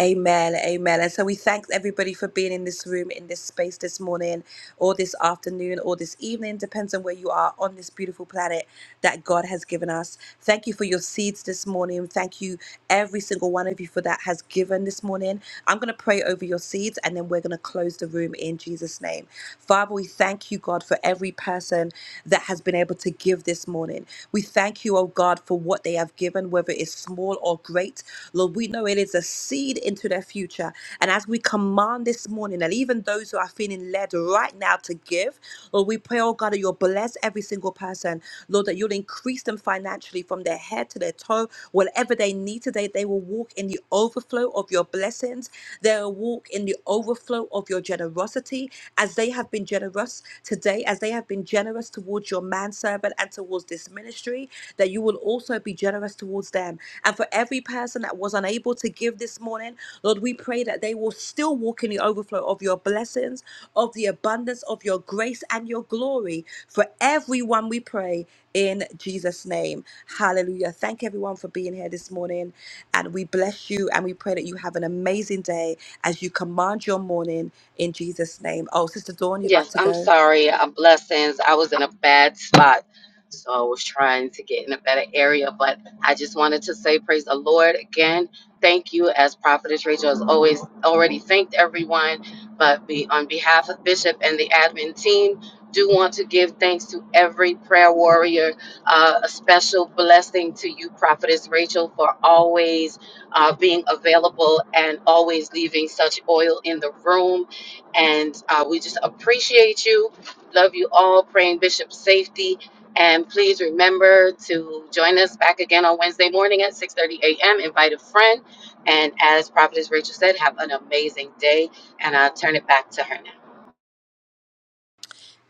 [SPEAKER 5] Amen. Amen. And so we thank everybody for being in this room, in this space this morning, or this afternoon, or this evening, depends on where you are on this beautiful planet that God has given us. Thank you for your seeds this morning. Thank you, every single one of you, for that has given this morning. I'm going to pray over your seeds and then we're going to close the room in Jesus' name. Father, we thank you, God, for every person that has been able to give this morning. We thank you, oh God, for what they have given, whether it's small or great. Lord, we know it is a seed into their future. And as we command this morning, and even those who are feeling led right now to give, Lord, we pray, oh God, that you'll bless every single person. Lord, that you'll increase them financially from their head to their toe. Whatever they need today, they will walk in the overflow of your blessings. They'll walk in the overflow of your generosity as they have been generous today, as they have been generous towards towards your manservant and towards this ministry, that you will also be generous towards them. And for every person that was unable to give this morning, Lord, we pray that they will still walk in the overflow of your blessings, of the abundance of your grace and your glory. For everyone, we pray in Jesus' name. Hallelujah. Thank everyone for being here this morning. And we bless you and we pray that you have an amazing day as you command your morning in Jesus' name. Oh, Sister Dawn, you'd like
[SPEAKER 1] Yes,
[SPEAKER 5] to
[SPEAKER 1] I'm
[SPEAKER 5] go?
[SPEAKER 1] sorry. Uh, blessings. I was in a bad spot. So I was trying to get in a better area, but I just wanted to say praise the Lord again. Thank you, as Prophetess Rachel has always already thanked everyone. But be, on behalf of Bishop and the admin team, do want to give thanks to every prayer warrior. Uh, a special blessing to you, Prophetess Rachel, for always uh, being available and always leaving such oil in the room and uh, we just appreciate you. Love you all. Praying Bishop safety, and please remember to join us back again on Wednesday morning at 6:30 a.m. Invite a friend, and as Prophetess Rachel said, have an amazing day. And I'll turn it back to her now.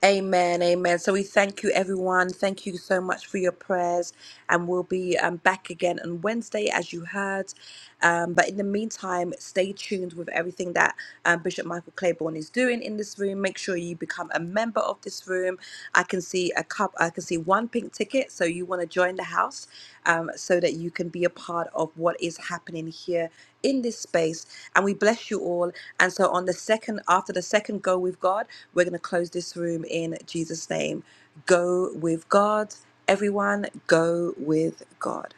[SPEAKER 5] Amen, amen. So we thank you, everyone. Thank you so much for your prayers, and we'll be um, back again on Wednesday, as you heard. Um, but in the meantime, stay tuned with everything that um, Bishop Michael Claiborne is doing in this room. Make sure you become a member of this room. I can see a cup. I can see one one pink ticket. So you want to join the house um, so that you can be a part of what is happening here in this space. And we bless you all. And so on the second, after the second go with God, we're going to close this room in Jesus' name. Go with God. Everyone, go with God.